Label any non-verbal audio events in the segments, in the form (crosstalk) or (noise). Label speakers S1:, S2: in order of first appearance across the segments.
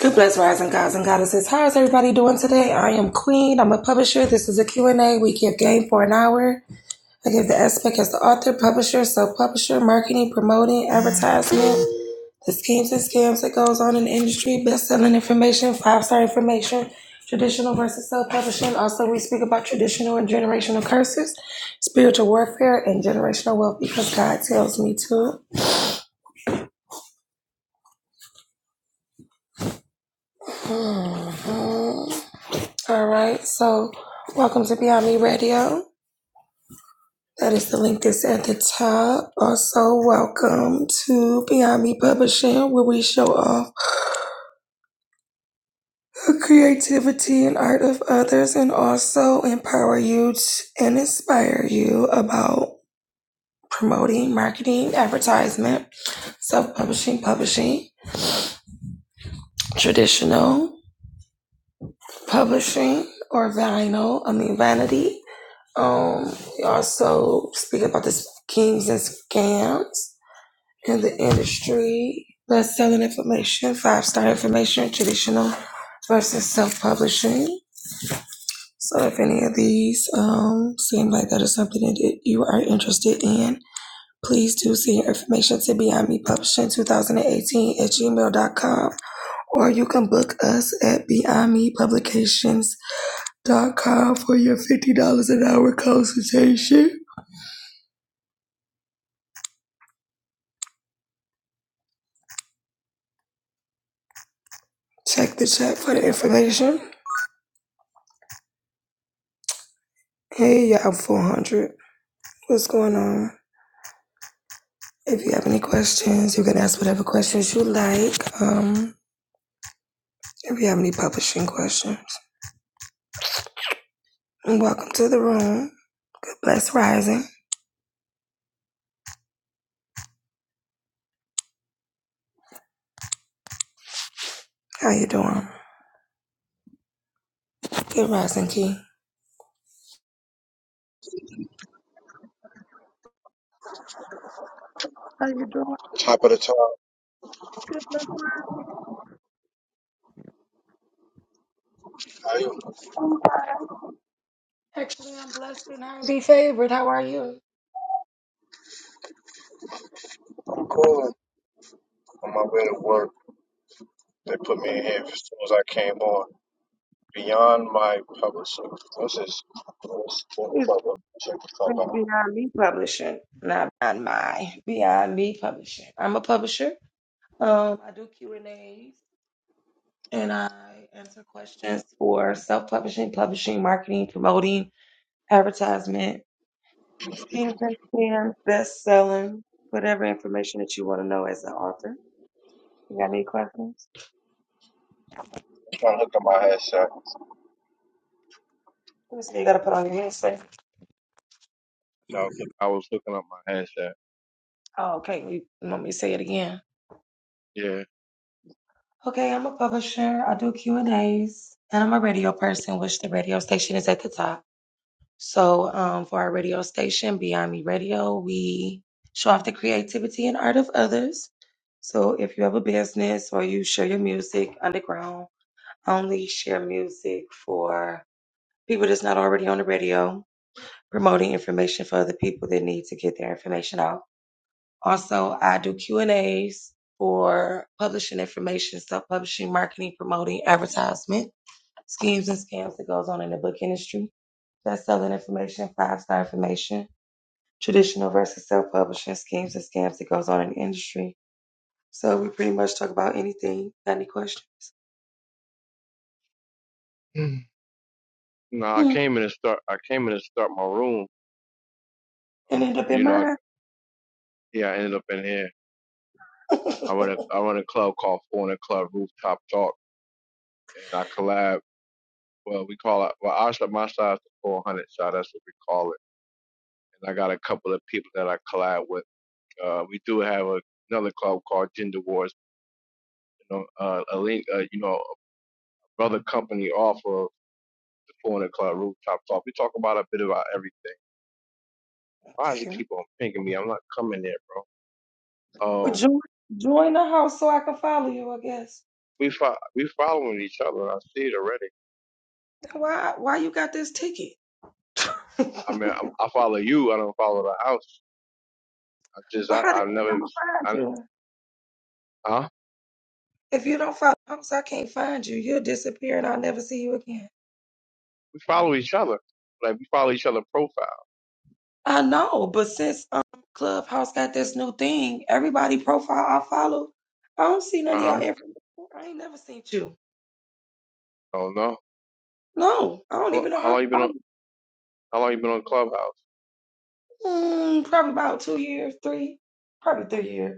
S1: Good bless rising gods and goddesses. How is everybody doing today? I am Queen. I'm a publisher. This is a Q and a We give game for an hour. I give the aspect as the author, publisher, self publisher, marketing, promoting, advertisement, the schemes and scams that goes on in the industry, best-selling information, five-star information, traditional versus self-publishing. Also, we speak about traditional and generational curses, spiritual warfare, and generational wealth because God tells me to. Mm-hmm. All right, so welcome to Beyond Me Radio. That is the link that's at the top. Also, welcome to Beyond Me Publishing, where we show off the creativity and art of others and also empower you and inspire you about promoting, marketing, advertisement, self publishing, publishing, traditional publishing, or vinyl, I mean, vanity. Um, also speaking about the schemes and scams in the industry, best selling information, five star information, traditional versus self publishing. So if any of these um, seem like that is something that you are interested in, please do send your information to Beyond Me Publishing 2018 at gmail dot com, or you can book us at Beyond Me Publications dot com for your fifty dollars an hour consultation. Check the chat for the information. Hey, y'all, 400. What's going on? If you have any questions, you can ask whatever questions you like. Um, if you have any publishing questions, And welcome to the room. Good bless rising. How you doing? Good rising, Key.
S2: Top of the top. I, I'm cool. On my way to work, they put me in here as soon as I came on. Beyond my publisher. What's this? What's the
S1: It's,
S2: club? Check the club
S1: it's
S2: out.
S1: Beyond Me Publishing, not Beyond My. Beyond Me Publishing. I'm a publisher. Um, I do Q and A's, and I answer questions for self-publishing, publishing, marketing, promoting. advertisement, skills and scams, best selling, whatever information that you want to know as an author. You got any questions?
S2: I am looked at my headset.
S1: Let me see, you got to put on your headset.
S2: No, I was look- I was looking up my headset.
S1: Oh, okay. You you want me to say it again?
S2: Yeah.
S1: Okay, I'm a publisher. I do Q and A's, and I'm a radio person, which the radio station is at the top. So, um, for our radio station, Beyond Me Radio, we show off the creativity and art of others. So, if you have a business or you share your music underground, I only share music for people that's not already on the radio promoting information for other people that need to get their information out also i do q and a's for publishing information self-publishing marketing promoting advertisement schemes and scams that goes on in the book industry that's selling information five star information traditional versus self-publishing schemes and scams that goes on in the industry so we pretty much talk about anything got any questions
S2: (clears throat) no, I
S1: Hmm,
S2: came in and start. I came in and start my room.
S1: and
S2: Um,
S1: end up in
S2: you know, I,
S1: mine
S2: yeah, I ended up in here.
S1: (laughs)
S2: I run a
S1: Okay.
S2: I run a club called Four in a Club Rooftop Talk, and I collab. Well, we call it. Well, our side, my side's the 400 side. That's what we call it and I got a couple of people that I collab with. Uh, we do have a, another club called Gender Wars, you know, uh, a link, uh, you know, brother company off of the 400 Club Rooftop Talk. We talk about a bit about everything. Why does it keep on pinging me? I'm not coming there, bro.
S1: Well,
S2: Um,
S1: join, join the house so I can follow you, I guess.
S2: we fo- we following each other. I see it already.
S1: Why why you got this ticket? (laughs) well, how
S2: I mean, I'm, I follow you. I don't follow the house. I just, I,
S1: the
S2: I
S1: heck
S2: never,
S1: I'm gonna find
S2: I,
S1: you?
S2: huh?
S1: If you don't follow the house, I can't find you. You'll disappear and I'll never see you again.
S2: We follow each other. Like we follow each other profile.
S1: I know, but since um Clubhouse got this new thing, everybody profile I follow, I don't see none
S2: Uh
S1: of y'all
S2: huh.
S1: information. I ain't never seen you.
S2: I don't know.
S1: No, I don't even know
S2: how
S1: how to
S2: long you been
S1: follow.
S2: on?
S1: you.
S2: How long you been on Clubhouse?
S1: Mm, probably about two years, three, probably three years.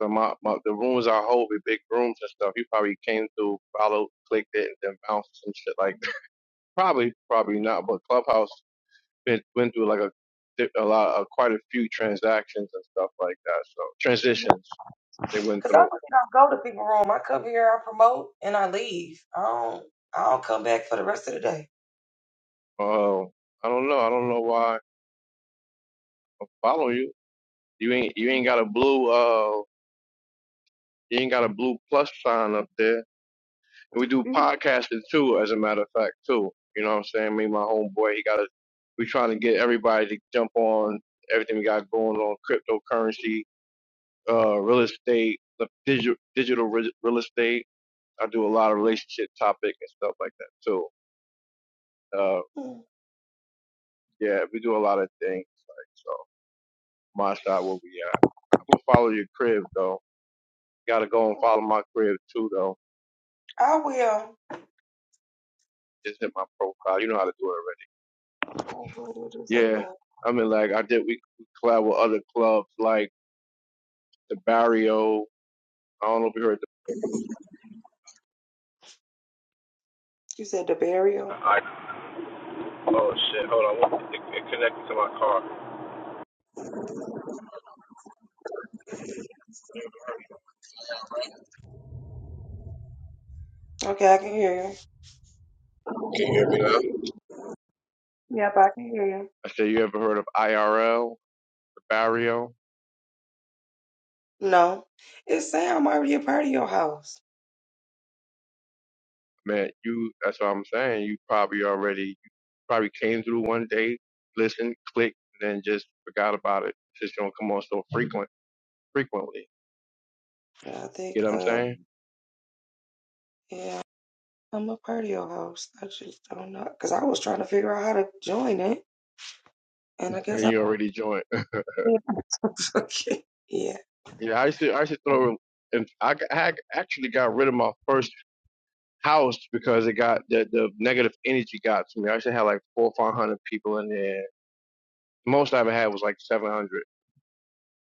S2: So my, my the rooms I hold with big rooms and stuff, you probably came through, followed, clicked it, and then bounced some shit like that. Probably, probably not. But Clubhouse been, went through like a a lot, a, quite a few transactions and stuff like that. So transitions they went
S1: Cause I
S2: through.
S1: really don't go to people room. I come here, I promote, and I leave. I don't. I don't come back for the rest of the day.
S2: Oh, I don't know. I don't know why I follow you. You ain't you ain't got a blue uh you ain't got a blue plus sign up there. And we do
S1: You-
S2: podcasting too, as a matter of fact, too. You know what I'm saying? Me, and my homeboy, he got a, we trying to get everybody to jump on everything we got going on cryptocurrency, uh, real estate, the digital, digital re- real estate. I do a lot of relationship topic and stuff like that too. Uh, yeah, we do a lot of things. Like, so my side where we at. I'm gonna follow your crib though. Gotta go and follow my crib too though.
S1: I will.
S2: Just hit my profile. You know how to do it already.
S1: Oh, What was you say,
S2: Yeah, I mean, like I did. We collab with other clubs like the Barrio. I don't know if you heard. The,
S1: You said the burial.
S2: I oh shit. Hold on. Walk to my car.
S1: Okay, I can hear you. Yep, I can hear you.
S2: I said you ever heard of IRL, the Barrio?
S1: No, it's saying I'm already a part of your house.
S2: Man, you. That's what I'm saying. You probably already you probably came through one day, listened, clicked, and then just forgot about it. It's just don't come on so frequent, frequently.
S1: Yeah, I think.
S2: You know what I'm
S1: Uh,
S2: saying?
S1: yeah, I'm a part of your house. I just don't know because I was trying to figure out how to join it, and I guess
S2: And
S1: I'm
S2: you
S1: already.
S2: already joined. (laughs)
S1: (laughs) Yeah. okay.
S2: Yeah, I used to. I used to throw. And I ac- actually got rid of my first house because it got the, the negative energy got to me. I actually had like four or five hundred people in there. The most I ever had was like seven hundred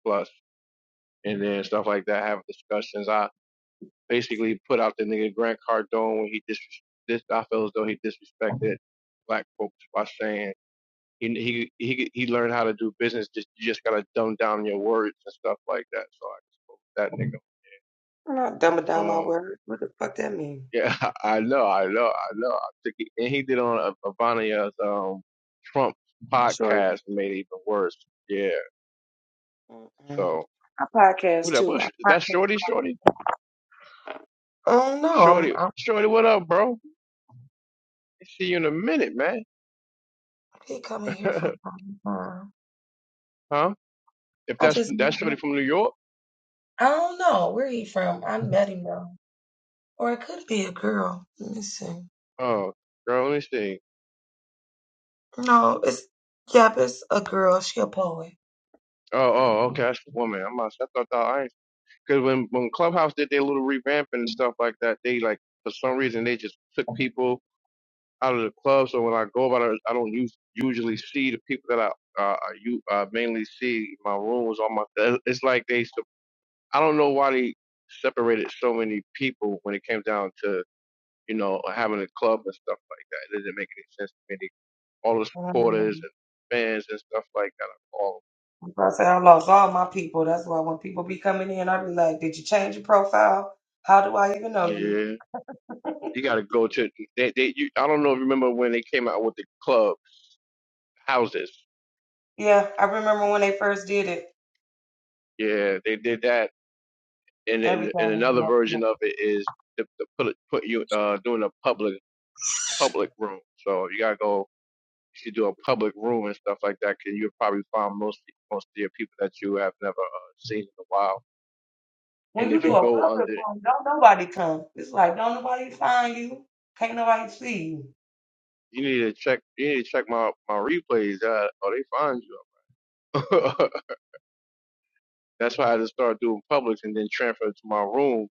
S2: plus, and then stuff like that. Having discussions, I basically put out the nigga Grant Cardone when he dis. dis I feel as though he disrespected black folks by saying he he he he learned how to do business. Just you just gotta dumb down your words and stuff like that. So I just spoke to that
S1: I'm not dumbing down my
S2: nigga. Um,
S1: word. What the fuck that mean?
S2: Yeah, (laughs) I know, I know, I know. I think he, and he did on uh, Vania's um Trump
S1: Short.
S2: podcast made it even worse. Yeah.
S1: Mm-mm.
S2: So
S1: I podcast
S2: what up?
S1: too.
S2: What,
S1: I
S2: that's Shorty, Shorty,
S1: podcast. I don't know. I'm,
S2: Shorty,
S1: I'm
S2: Shorty. What up, bro? See you in a minute, man.
S1: he coming here from
S2: (laughs)
S1: time to time.
S2: huh? If
S1: I
S2: that's
S1: just met
S2: that's
S1: him.
S2: Shorty from New York.
S1: I don't know where he from. I met him though. Or it could be a girl. Let me see.
S2: Oh, girl, let me see.
S1: No, it's yep, it's a girl. She a poet.
S2: Oh, oh, okay, that's the woman. I'm not. I thought that I because when when Clubhouse did their little revamping and stuff like that, they like for some reason they just took people out of the club. So when I go about it, I don't use, usually see the people that I uh, I u- uh, mainly see in my rooms. All my uh, it's like they. sep- I don't know why they separated so many people when it came down to you know having a club and stuff like that. It doesn't make any sense to me. They- All the supporters
S1: Um,
S2: and fans and stuff like that. are All
S1: I'm about to say I lost all my people. That's why when people be coming in, I be like, "Did you change your profile? How do I even know you?"
S2: yeah, you got to go to they. they you, I don't know if you remember when they came out with the clubs houses.
S1: Yeah, I remember when they first did it.
S2: Yeah, they did that and,
S1: Everything.
S2: and and
S1: was
S2: another
S1: messed
S2: version
S1: up.
S2: of it is to, to put it- put you uh doing a public public room. So you gotta go if you do a public room and stuff like that, can you probably find most most of your people that you have never uh, seen in a while.
S1: When
S2: And
S1: you
S2: if
S1: do
S2: you
S1: a
S2: go
S1: public
S2: under,
S1: one, don't nobody come. It's like don't nobody find you. Can't nobody see you.
S2: you need to check you need to check my my replays. Uh, or they find you. (laughs) That's why I just started doing publics and then transfer to my room.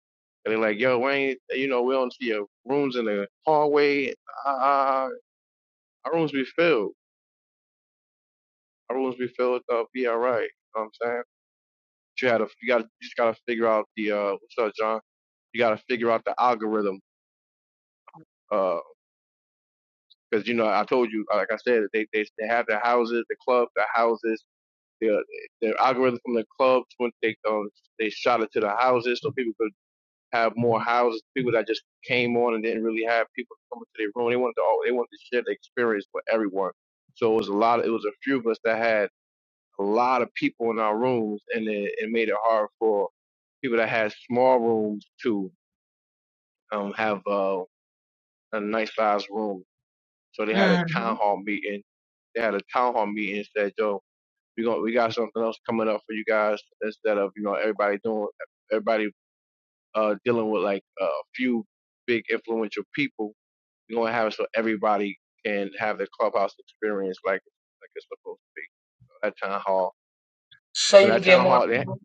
S2: And they're like, yo, Wayne, you know, we don't see your rooms in the hallway. Uh, our rooms be filled. Everyone's be filled up, be all right. You know what I'm saying? But you had to, you got, to you just gotta figure out the uh, what's up, John? You gotta figure out the algorithm, uh, because you know I told you, like I said, they they, they have the houses, the club, the houses, the uh, the algorithm from the clubs when they um they shot it to the houses so people could have more houses. People that just came on and didn't really have people coming to their room. They wanted to all, they wanted to share the experience with everyone. So it was a lot. Of, it was a few of us that had. a lot of people in our rooms, and it, it made it hard for people that had small rooms to um, have uh, a nice sized room. So they had a
S1: hmm
S2: town hall meeting. They had a town hall meeting and said, "Yo, we gon' we got something else coming up for you guys instead of you know everybody doing everybody uh, dealing with like a few big influential people. We're gonna have it so everybody can have the clubhouse experience like like it's supposed to be. So that town hall,
S1: So
S2: but
S1: you can
S2: that
S1: get
S2: town
S1: more
S2: hall, they,
S1: people.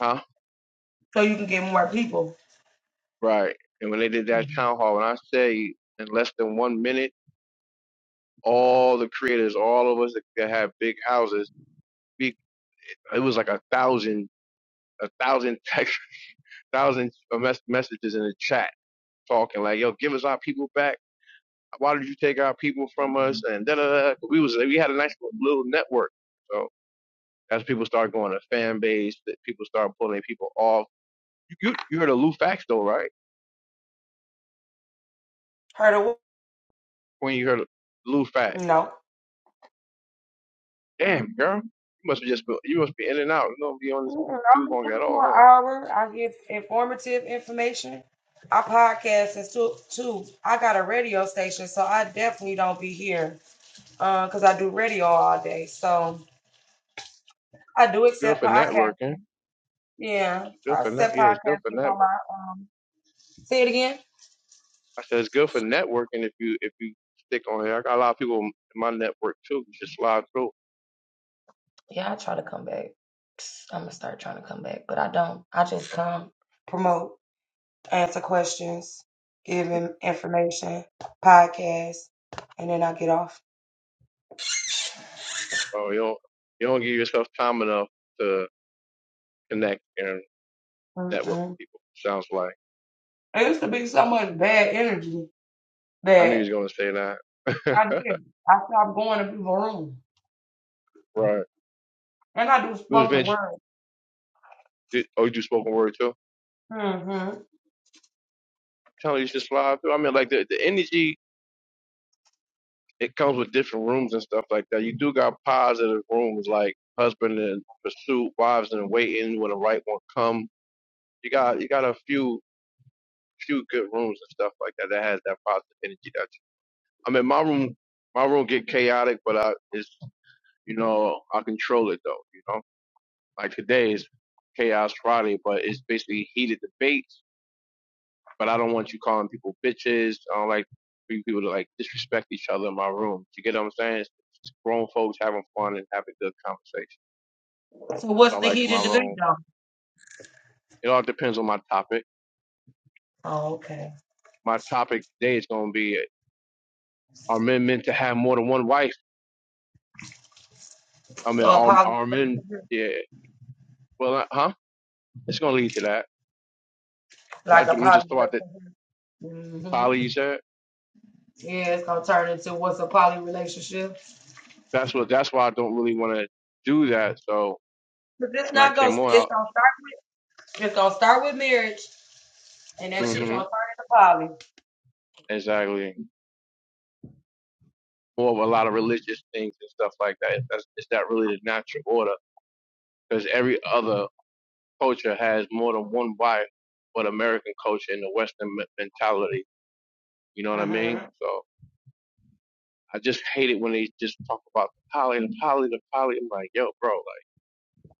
S2: huh?
S1: So you can get more people.
S2: Right. And when they did that town hall, when I say in less than one minute, all the creators, all of us that that had big houses, we, it was like a thousand, a thousand text, (laughs) thousand mes- messages in the chat talking like, yo, give us our people back. Why did you take our people from us? And da da da. We was, we had a nice little little network. So as people start going to fan base, that people start pulling people off. You, you, you heard of Lou Fax though, right?
S1: Heard of what?
S2: When you heard of Lou Fax.
S1: No.
S2: Damn, girl. You must be just be- you must be in and out. You don't be on this
S1: Mm-mm, i
S2: too
S1: only come
S2: long at
S1: for an
S2: all, huh?
S1: hour. I give informative information. I podcast and too, too. I got a radio station, so I definitely don't be here because I do radio all day. So I do
S2: Good
S1: accept
S2: for
S1: podcasts.
S2: networking.
S1: Yeah,
S2: Good
S1: I
S2: for net.
S1: accept
S2: Yeah, it's good for
S1: podcasting on
S2: network.
S1: my. Um, say it again.
S2: I said it's good for networking if you if you stick on here. I got a lot of people in my network too. You just slide through.
S1: Yeah, I try to come back. I'm gonna start trying to come back, but I don't. I just come, promote, answer questions, give him information, podcast, and then I get off.
S2: So you don't you don't give yourself time enough to connect and network
S1: Mm-mm.
S2: with people. Sounds like
S1: It used to be so much bad energy
S2: I knew you
S1: that
S2: was gonna say that.
S1: I
S2: (laughs)
S1: did. I stopped going to people's rooms.
S2: right.
S1: And I do
S2: It was
S1: spoken
S2: Vince?
S1: word.
S2: Did, oh, you do spoken word too?
S1: Mm-hmm.
S2: Tell you just slide through. I mean, like the the energy it comes with different rooms and stuff like that. You do got positive rooms like husband and pursuit, wives and waiting when the right one come. You got you got a few few good rooms and stuff like that that has that positive energy. That you, I mean, my room my room get chaotic, but I it's you know I control it though. You know, like today is chaos Friday, but it's basically heated debates but I don't want you calling people bitches. I don't like for you people to like disrespect each other in my room. You get what I'm saying? It's grown folks having fun and having good conversation.
S1: So
S2: That's
S1: what's
S2: what I
S1: the
S2: like in
S1: heat of
S2: my
S1: the big
S2: room.
S1: dog?
S2: It all depends on my topic.
S1: Oh, okay.
S2: My topic today is going to be: Are men meant to have more than one wife? I mean,
S1: So a
S2: are,
S1: positive
S2: are men?
S1: relationship?
S2: Yeah. Well, uh, huh? It's going to lead to that.
S1: Like
S2: But
S1: a
S2: I, am just
S1: positive
S2: throw out the,
S1: relationship?
S2: the
S1: Mm-hmm.
S2: poly you said.
S1: Yeah, it's gonna turn into what's a poly relationship.
S2: That's what. That's why I don't really want to do that. So
S1: But it's
S2: when I
S1: not gonna
S2: came
S1: it's
S2: on,
S1: gonna start it's gonna start with marriage and
S2: I,
S1: that shit
S2: mm-hmm,
S1: gonna turn into
S2: exactly. more of a lot of religious things and stuff like that. That's, it's not really the natural order because every other culture has more than one wife, but American culture and the Western me- mentality, you know what I
S1: poly.
S2: mean? So I just hate it when they just talk about the poly, the poly, the poly. I'm like, yo, bro, like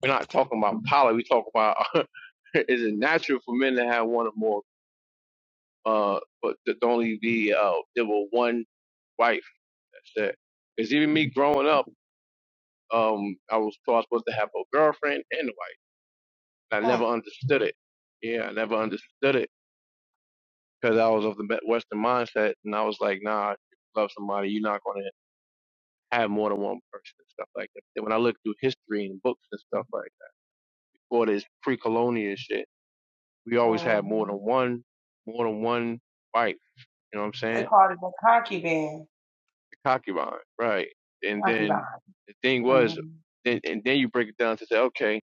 S2: we're not talking about poly. We talk about (laughs) is it natural for men to have one or more, uh, but to only be uh, there were one wife. That's it. Because even me growing up. Um, I was thought I was supposed to have a girlfriend and a wife. I
S1: Mm-hmm.
S2: never understood it. Yeah, I never understood it because I was of the me- Western mindset, and I was like, nah, if you love somebody, you're not gonna have more than one person and stuff like that. Then when I look through history and books and stuff like that, all this pre-colonial shit, we always had more than
S1: Mhm.
S2: one, more than one wife. You know what I'm
S1: They
S2: saying?
S1: called it the concubine.
S2: The concubine, right? And then
S1: Concubine.
S2: the thing
S1: hmm
S2: was, then and then you break it down to say, okay.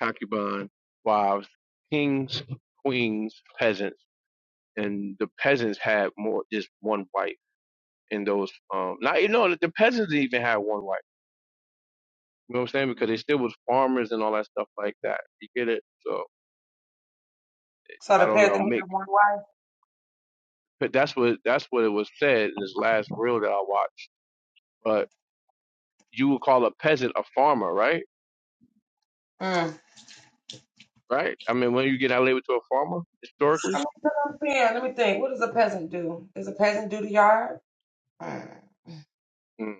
S2: concubine, wives, kings, queens, peasants, and the peasants had more just one wife. In those, um, not you know, the peasants didn't even had one wife. You know what I'm saying? Because they still was farmers and all that stuff like that. You get it? So
S1: So
S2: I
S1: the
S2: don't
S1: peasant
S2: know, Mick.
S1: had one wife.
S2: But that's what that's what it was said in this last reel that I watched. But you would call a peasant a farmer, right?
S1: Mm.
S2: Right? I mean, when you get out labeled to a farmer historically,
S1: I'm gonna put on pen. Let me think. What does a peasant do? Does a peasant do the yard? Mm.
S2: mm.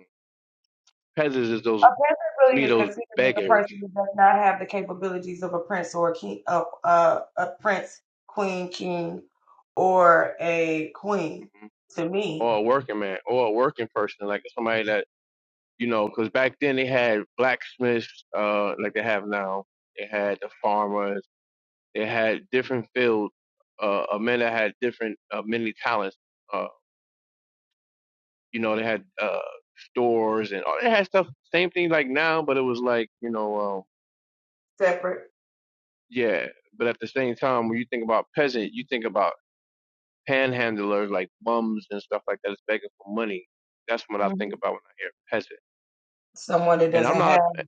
S2: peasants is those
S1: A peasant
S2: to
S1: really
S2: me
S1: is
S2: those
S1: considered as a
S2: beggars.
S1: person who does not have the capabilities of a prince or a king, of uh, a prince, queen, king, or a queen.
S2: mm-hmm.
S1: To me,
S2: or a working man or a working person, like somebody that you know, because back then they had blacksmiths, uh, like they have now. They had the farmers. They had different fields. Uh, uh, men that had different uh, many talents. Uh, you know, they had uh, stores and all. They had stuff. Same thing like now, but it was like you know, um,
S1: separate.
S2: yeah. But at the same time, when you think about peasant, you think about panhandlers like bums and stuff like that, that's begging for money. That's what I think
S1: hmm
S2: about when I hear peasant.
S1: Someone that
S2: And I'm
S1: doesn't have
S2: not a.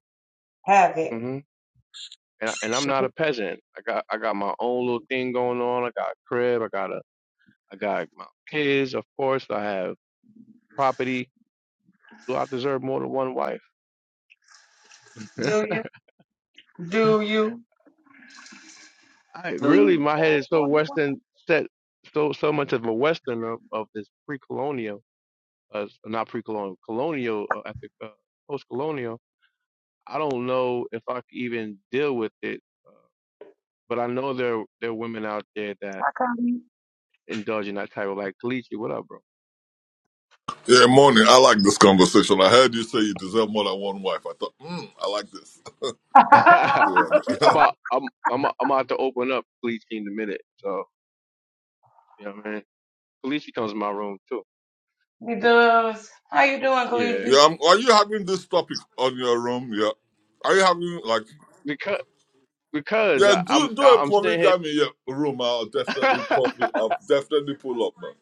S1: have it.
S2: mhm. and, I, and I'm not a peasant. I got I got my own little thing going on. I got a crib. I got a I got my kids. Of course, I have property. Do I deserve more than one wife? (laughs)
S1: Do you? Do you?
S2: I
S1: Do you?
S2: really my head is so Western set so so much of a Western of, of this pre-colonial, uh, not pre-colonial, colonial uh, I think uh, post-colonial. I don't know if I could even deal with it, but I know there there are women out there that indulge in that type of like, Kalichi, what up, bro?
S3: Yeah, morning. I like this conversation. I heard you say you deserve more than one wife. I thought, mm, I like this. (laughs) Let's
S2: Yeah,
S3: see
S1: (laughs)
S3: what-
S2: I'm
S3: I do.
S2: about I'm I'm I'm about to open up Police in a minute. So you know what I mean. Police comes in my room too.
S1: He does. How you doing,
S3: (laughs)
S2: Yeah,
S1: Cleveland?
S3: yeah, I'm, are you having this topic on your room? Yeah. Are you having like
S2: because because
S3: yeah?
S2: I, I'm
S3: Do do
S2: I-
S3: a
S2: I'm sitting here.
S3: polygamy yeah, room. I'll definitely
S2: (laughs)
S3: pop it. I'll definitely pull up man.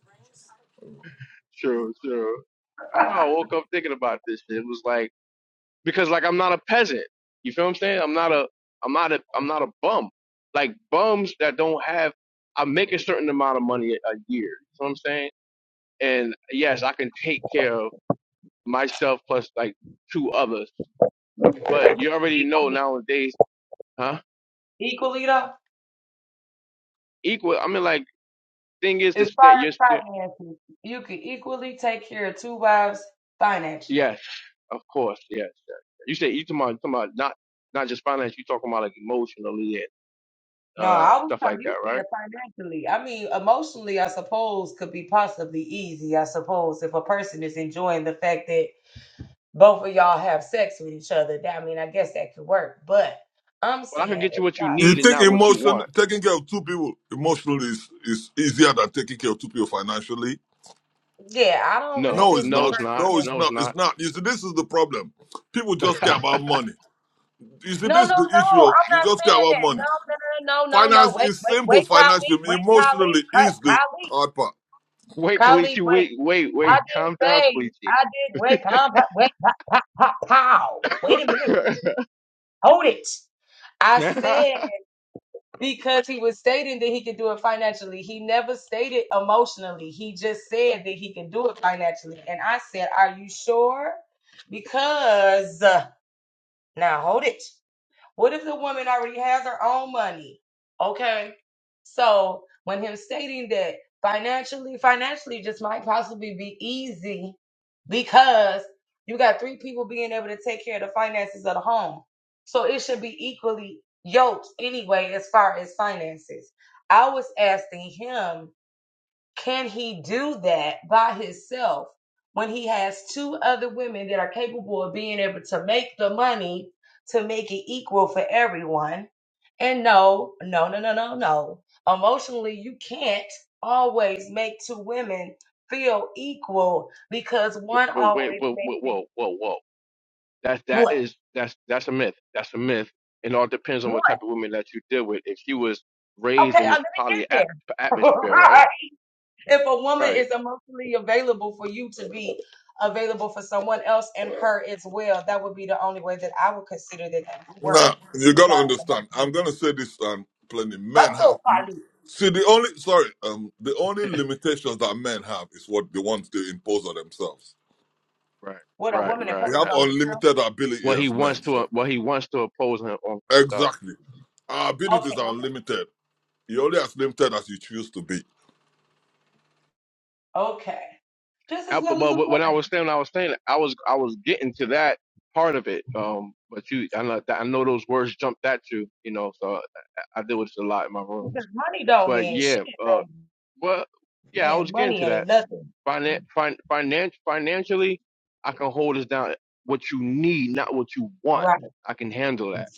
S2: sure, sure. I
S1: (laughs)
S2: woke up thinking about this. It was like because like I'm not a peasant. You feel what I'm saying? I'm not a I'm not a I'm not a bum. Like bums that don't have. I make a certain amount of money a a year. You know what I'm saying? And yes, I can take care of myself plus like two others But you already know nowadays, huh?
S1: equally though,
S2: Equal. I mean, like thing is the
S1: as far
S2: stand.
S1: as
S2: You're, st-
S1: finances, you can equally take care of two wives financially.
S2: yes, of course, yes. You say you talking about, talking about not not just finance. You talking about like emotionally and
S1: No,
S2: uh
S1: I was
S2: stuff
S1: talking,
S2: like
S1: you
S2: that,
S1: said
S2: right?
S1: financially. I mean, emotionally, I suppose, could be possibly easy, I suppose, if a person is enjoying the fact that both of y'all have sex with each other. That- I mean, I guess that could work, but I'm
S2: Well, I could
S1: saying
S2: get you
S1: it's
S2: what
S1: not.
S2: you
S3: You
S2: need and
S3: think
S2: not what you
S3: emotion
S2: want.
S3: taking care of two people emotionally is is easier than taking care of two people financially?
S1: Yeah, I don't really
S2: No,
S3: No,
S1: think
S3: it's
S1: that a
S2: no,
S3: not.
S2: it's
S1: person
S2: not.
S3: No,
S1: can.
S3: it's
S2: No, it's
S3: not. It's
S2: not.
S3: not. You see, this is the problem. People just care
S2: (laughs)
S3: about money. You see,
S1: No,
S3: this
S1: no, no.
S3: is the issue of
S1: I'm
S3: you
S1: not
S3: just care
S1: saying
S3: about
S1: that. No,
S3: money.
S1: no, no, no, no,
S3: Finance
S1: no. Wait,
S3: is
S1: wait,
S3: simple
S1: wait, Colleen.
S3: financially.
S1: Wait, Colleen.
S3: Emotionally
S1: Cut,
S3: is the
S1: Colleen.
S3: hard part.
S2: wait,
S1: Colleen,
S2: Kalichi,
S1: wait.
S2: wait, wait,
S1: I
S2: wait.
S1: didn't
S2: Calm down,
S1: say,
S2: Kalichi.
S1: I did, wait, calm, wait, pow, pow, pow. Wait a
S2: (laughs)
S1: minute. Hold it. I said
S2: but,
S1: because he was stating that he could do it financially. He never stated emotionally. He just said that he could do it financially. And I said, Are you sure? Because uh, now hold it. What if the woman already has her own money? Okay. So when him stating that financially, financially just might possibly be easy because you got three people being able to take care of the finances of the home. So it should be equally yoked anyway as far as finances. I was asking him can he do that by himself when he has two other women that are capable of being able to make the money to make it equal for everyone? And no, no, no, no, no, no. Emotionally, you can't always make two women feel equal because one
S2: but wait,
S1: always
S2: but,
S1: makes
S2: but
S1: it
S2: whoa, whoa, whoa. That that
S1: what?
S2: is that's that's a myth. That's a myth. It all depends on what
S1: What?
S2: type of woman that you deal with. If she was raised
S1: Okay,
S2: in
S1: I let
S2: this poly
S1: me get
S2: at-
S1: there.
S2: atmosphere,
S1: (laughs)
S2: right?
S1: if a woman
S2: Right,
S1: is emotionally available for you to be available for someone else and her as well, that would be the only way that I would consider that that would work.
S3: Now,
S1: As
S3: you gotta
S1: far as
S3: understand, I'm
S1: emotionally,
S3: gonna say this um plenty.
S1: I'm
S3: Men
S1: so
S3: have
S1: probably
S3: see the only sorry, um the only limitations that men have is what the ones they impose on themselves.
S2: right,
S1: what a
S2: right,
S1: woman
S2: right.
S3: We
S1: imposes
S3: have
S2: That,
S1: on herself.
S3: unlimited ability
S2: what he
S3: as
S2: wants
S3: men,
S2: to
S3: so
S2: uh, what he wants to oppose him on himself.
S3: exactly. Our abilities
S1: Okay,
S3: are unlimited. You're only as limited as you choose to be.
S1: okay, okay. Just
S2: I,
S1: as well
S2: but,
S1: as a
S2: but when I was
S1: woman,
S2: saying I was saying I was I was getting to that part of it. Um, but you I know that I know those words jumped at you. You know, so uh, I, I deal with this a lot in my
S1: because
S2: rooms.
S1: money don't
S2: But
S1: mean
S2: yeah,
S1: shit.
S2: uh,
S1: Baby.
S2: well, yeah, I
S1: Man,
S2: was getting
S1: money
S2: to that.
S1: ain't nothing.
S2: Finan- fin- finan- financially, I can hold us down. What you need, not what you want.
S1: Right.
S2: I can handle that.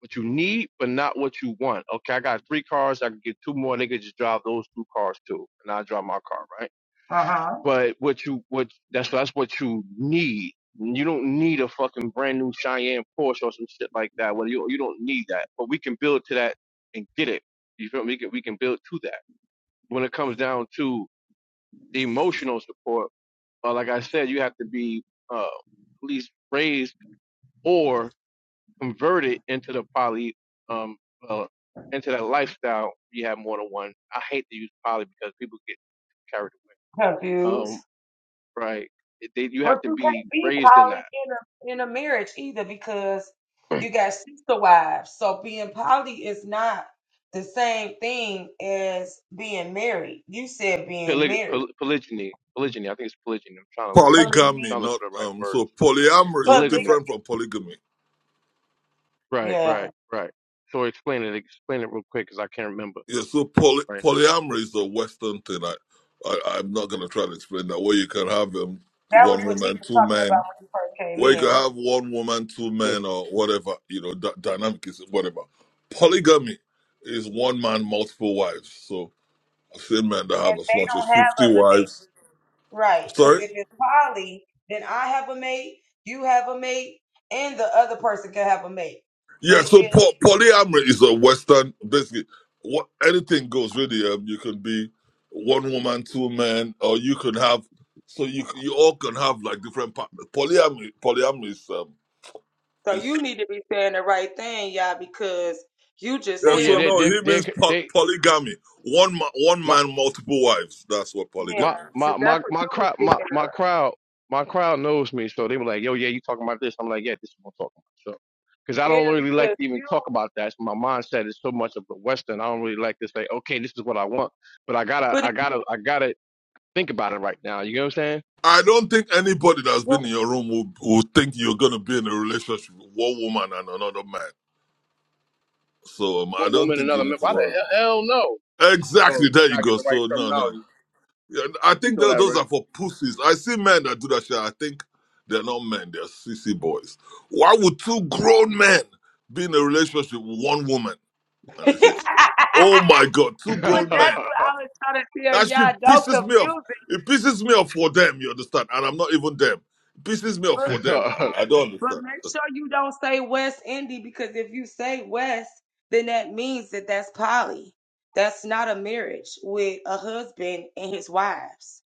S2: What you need, but not what you want. Okay, I got three cars. I can get two more. They could just drive those two cars too, and I drive my car, right?
S1: Uh huh.
S2: But what you what that's that's what you need. You don't need a fucking brand new Cheyenne Porsche or some shit like that. Well, you you don't need that. But we can build to that and get it. You feel me? We can we can build to that. When it comes down to the emotional support uh, like I said, you have to be uh, at least raised or converted into the poly, um, uh, into that lifestyle. You have more than one. I hate to use poly because people get carried away.
S1: Confused.
S2: Um, right? It- They, you
S1: But
S2: have to
S1: you
S2: be
S1: can't be
S2: raised in
S1: poly
S2: that
S1: in a in a marriage either because
S2: (clears throat)
S1: you got sister wives. So being poly is not the same thing as being married. You said being
S2: Poly,
S1: married.
S2: poly, polygyny. Polygyny. I think it's polygyny. I'm trying to look, look,
S3: Polygamy,
S2: trying
S1: Polygamy.
S2: to look
S3: not
S2: for the right
S3: um so
S2: words.
S3: polyamory is
S1: Polygamy.
S2: Polygamy.
S3: different from polygamy.
S2: Right.
S1: Yeah.
S2: Right. Right. So explain it. Explain it real quick because I can't remember
S3: Yeah, so poly,
S2: right now.
S3: polyamory is a Western thing. I, I, I'm not going to try to explain that. Where you can have um,
S1: That was
S3: one
S1: what you
S3: woman,
S1: was
S3: two
S1: talking
S3: men.
S1: about when you first came
S3: Where you can
S1: in.
S3: have one woman, two men,
S2: Ew.
S3: or whatever, you know, d- dynamic is whatever. Polygamy is one man, multiple wives. So I've seen men that have
S1: And
S3: as
S1: they
S3: much as
S1: don't
S3: 50
S1: have other mates.
S3: wives.
S1: Right. Because
S3: Sorry?
S1: if it's poly, then I have a mate, you have a mate, and the other person can have a mate.
S3: Yeah,
S1: But
S3: so
S1: if
S3: po- polyamory is a Western, basically, what anything goes. Really, um, you can be one woman, two men, or you can have. So you c- you all can have like different partners. Polyamory, polyamory is um,
S1: So
S3: is
S1: you need to be saying the right thing, y'all, because you just
S3: yeah.
S2: Oh
S1: said
S2: yeah,
S3: So
S1: a
S2: they
S3: no,
S2: they
S3: he
S2: they
S3: means po-
S2: they.
S3: polygamy. One ma- one
S2: My,
S3: man, multiple wives. That's what
S1: yeah,
S2: my
S3: polygamy is.
S2: my
S1: because that's
S2: my
S1: what
S2: my
S1: you were
S2: crowd my,
S1: speaking
S2: my
S1: of.
S2: crowd my crowd knows me, so they were like, "Yo, yeah, you talking about this?" I'm like, "Yeah, this is what I'm talking about." So, because I
S1: Yeah,
S2: don't really like
S1: because
S2: to even
S1: you,
S2: talk about that. So my mindset is so much of the Western. I don't really like to say, "Okay, this is what I want," but I gotta
S1: but if,
S2: I gotta I gotta think about it right now. You know what I'm saying?
S3: I don't think anybody that's been in
S1: (laughs) but
S3: your room will, will think you're gonna be in a relationship with one woman and another man. So um, I
S2: One
S3: don't
S2: woman,
S3: think you
S2: another
S3: need
S2: man.
S3: to
S2: Why the
S3: worry.
S2: hell, hell no? So
S3: Exactly.
S2: I
S3: There you
S2: gotta get
S3: go.
S2: the right
S3: So no, no, no.
S2: terminology.
S3: Yeah, I
S2: You
S3: think tho- those are for pussies. I see men that do that shit. I think they're not men. They're sissy boys. Why would two grown men be in a relationship with one woman? And I
S1: that's
S3: say, oh my god, two
S2: know
S1: what
S2: that,
S3: grown men.
S1: I was trying to tell
S3: That
S1: y'all.
S3: shit
S1: Don't
S3: pisses me off.
S1: confuse it,
S3: It pisses me off for them. You understand? And I'm not even them. It pisses me off
S1: but
S3: for them. And
S2: already.
S3: I
S2: (laughs)
S3: don't
S1: but
S3: understand.
S1: make sure you don't say West Indy because if you say West, then that means that that's poly. That's not a marriage with a husband and his wives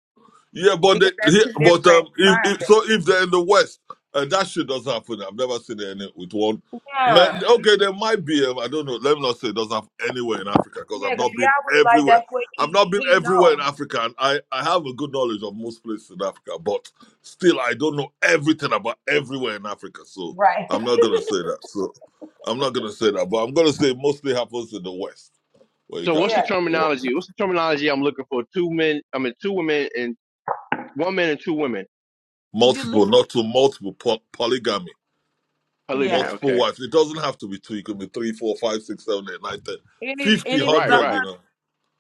S3: Yeah, but they,
S1: because that's
S3: yeah,
S1: two
S3: but
S1: different
S3: um, if, if
S1: mindsets.
S3: so, if they're in the West, and that shit doesn't happen. I've never seen it in with one man.
S1: Yeah.
S3: Okay, there might be. Um, I don't know. Let me not say it doesn't happen anywhere in Africa because
S1: Yeah,
S3: I've
S1: because
S3: not
S1: yeah,
S3: been
S1: was like,
S3: everywhere.
S1: that's what
S3: I've
S1: he
S3: not been
S1: he
S3: everywhere in
S1: knows,
S3: Africa, and I I have a good knowledge of most places in Africa, but still, I don't know everything about everywhere in Africa. So
S1: right? (laughs)
S3: I'm not gonna say that. So I'm not gonna say that, but I'm gonna say it mostly happens in the West, where you
S2: so
S3: got
S2: what's the
S1: Yeah.
S3: like what
S2: terminology? What's the terminology I'm looking for? Two men. I mean, two women and one man and two women.
S1: You look
S3: multiple,
S1: at
S3: not to multiple po- polygamy
S2: Polygamy.
S1: yeah.
S3: multiple
S2: Okay.
S3: wives. It doesn't have to be two. It could be three, four, five, six, seven, eight, nine, ten,
S1: And it
S3: fifty,
S1: and it
S3: one
S1: is
S2: Right.
S1: a
S3: hundred. You
S2: Right.
S1: hu-
S3: know,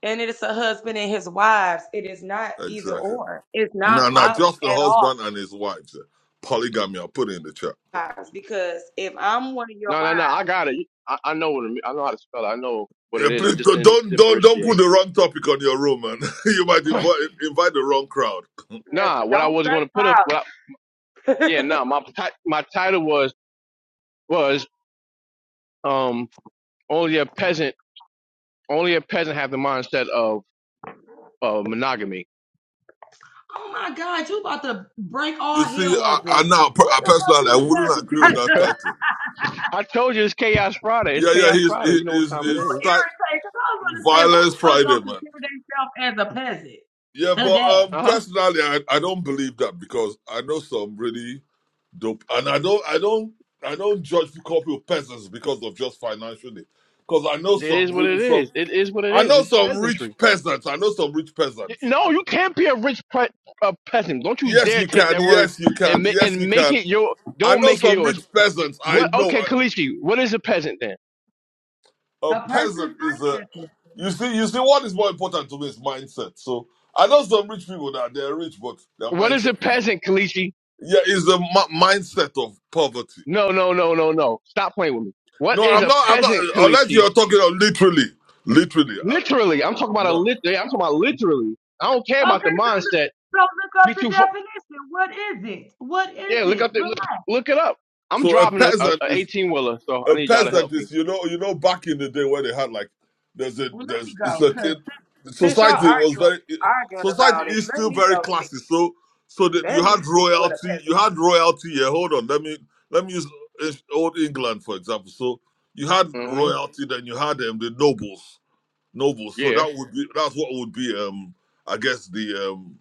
S1: and it is a husband and his wives. It is not either
S3: exactly.
S1: or. It's
S3: No,
S1: not
S3: no,
S1: poly
S3: just the
S1: at all.
S3: husband and his wives. eh. Polygamy. I'll put it in the chat.
S1: Wives, Because if I'm one of your
S2: No. No. No.
S1: wives,
S2: I got it. I, I know what it, mean. I know how to spell it. I know what
S3: Yeah,
S2: it is. I
S3: please
S2: just
S3: don't
S2: didn't
S3: don't don't don't put
S2: differentiate.
S3: the wrong topic on your room, man. (laughs) you might
S2: (clears throat)
S3: invite invite the wrong crowd. (laughs)
S1: yes,
S2: nah. What I
S1: don't
S2: was
S1: say
S2: going to put up. What I, yeah.
S1: poly.
S2: Nah. My ti- my title was was um only a peasant only a peasant have the mindset of of monogamy. (laughs)
S1: (laughs) oh my God, you about to break
S3: You
S1: all
S3: see,
S1: hell
S3: I, I
S1: open.
S3: now per-
S1: What
S3: I
S1: the fuck
S3: personally I
S1: do a
S3: wouldn't
S1: peasant (laughs)
S3: agree
S1: got?
S3: with
S1: to- do?
S3: that title.
S2: I told you it's Chaos Friday. It's
S3: Yeah, yeah,
S2: Chaos
S3: he's
S2: Friday.
S3: he-
S2: You know what
S3: he's
S2: time
S1: You
S2: it
S3: he's
S2: is.
S3: sti-
S1: irritate. Because I was gonna say, who
S3: violence
S1: the fuck
S3: Friday,
S1: gonna
S3: man.
S1: consider themselves as a peasant
S3: Yeah, but
S1: today?
S3: um,
S2: Uh huh.
S3: personally, I, I don't believe that because I know some really dope. And I don't, I don't, I don't judge people peasants because of just financially. Because I know
S2: It
S3: some
S2: is what
S3: really
S2: it
S3: some,
S2: is. It is what it
S3: I
S2: is.
S3: know
S2: It's
S3: some
S2: peasantry.
S3: rich peasants. I know some rich
S2: Y-
S3: peasants.
S2: No, you can't be a rich pre- a peasant. Don't you
S3: Yes,
S2: dare
S3: you
S2: take
S3: can.
S2: that word
S3: Yes, you can.
S2: and ma-
S3: Yes, you
S2: and make
S3: can.
S2: it your.
S3: I
S2: Don't
S3: know
S2: make it
S3: some
S2: yours.
S3: rich peasants. I
S2: What? Okay,
S3: know
S2: Kalichi. What is a peasant then?
S3: a,
S1: A
S3: a peasant
S1: person's
S3: is a.
S1: finances.
S3: You see, you see, what is more important to me is mindset. So I know some rich people that they're rich, but their
S2: What is
S3: mindset,
S2: a peasant, Kalichi?
S3: yeah, is the mi- mindset of poverty.
S2: No, no, no, no, no. Stop playing with me. What
S3: No,
S2: is
S3: I'm
S2: a
S3: not. I'm not.
S2: peasant,
S3: Unless
S2: Kalichi?
S3: you're talking of literally, literally.
S2: Literally, I'm talking about a
S3: No.
S2: lit. yeah, I'm talking about literally. I don't care about the
S1: Okay, so look,
S2: mindset.
S1: so look up
S2: Be
S1: the
S2: too. Fo-
S1: definition. What is it? What is
S2: yeah, look
S1: it?
S2: up. The, look,
S1: Relax.
S2: look it up. I'm
S3: So a
S2: driving a, a,
S3: peasant
S2: a
S3: is
S2: 18 wheeler, so I
S3: a
S2: need y'all to help
S3: peasant
S2: me.
S3: is you know you know back in the day where they had like there's a
S1: Well, let
S3: there's
S1: me
S3: it's
S1: go,
S3: a
S1: cause
S3: it,
S1: since y'all
S3: society was
S1: arguing
S3: very
S1: arguing
S3: society
S1: about it,
S3: is
S1: let
S3: still
S1: me
S3: very
S1: go see.
S3: classy. So so that you
S1: Let me
S3: had
S1: see what a
S3: royalty you
S1: peasant is.
S3: had royalty here. Hold on, let me let me use uh, old England for example. So you had
S2: hmm
S3: royalty, then you had um, the nobles nobles. So
S2: Yeah,
S3: that would be that's what would be um I guess the um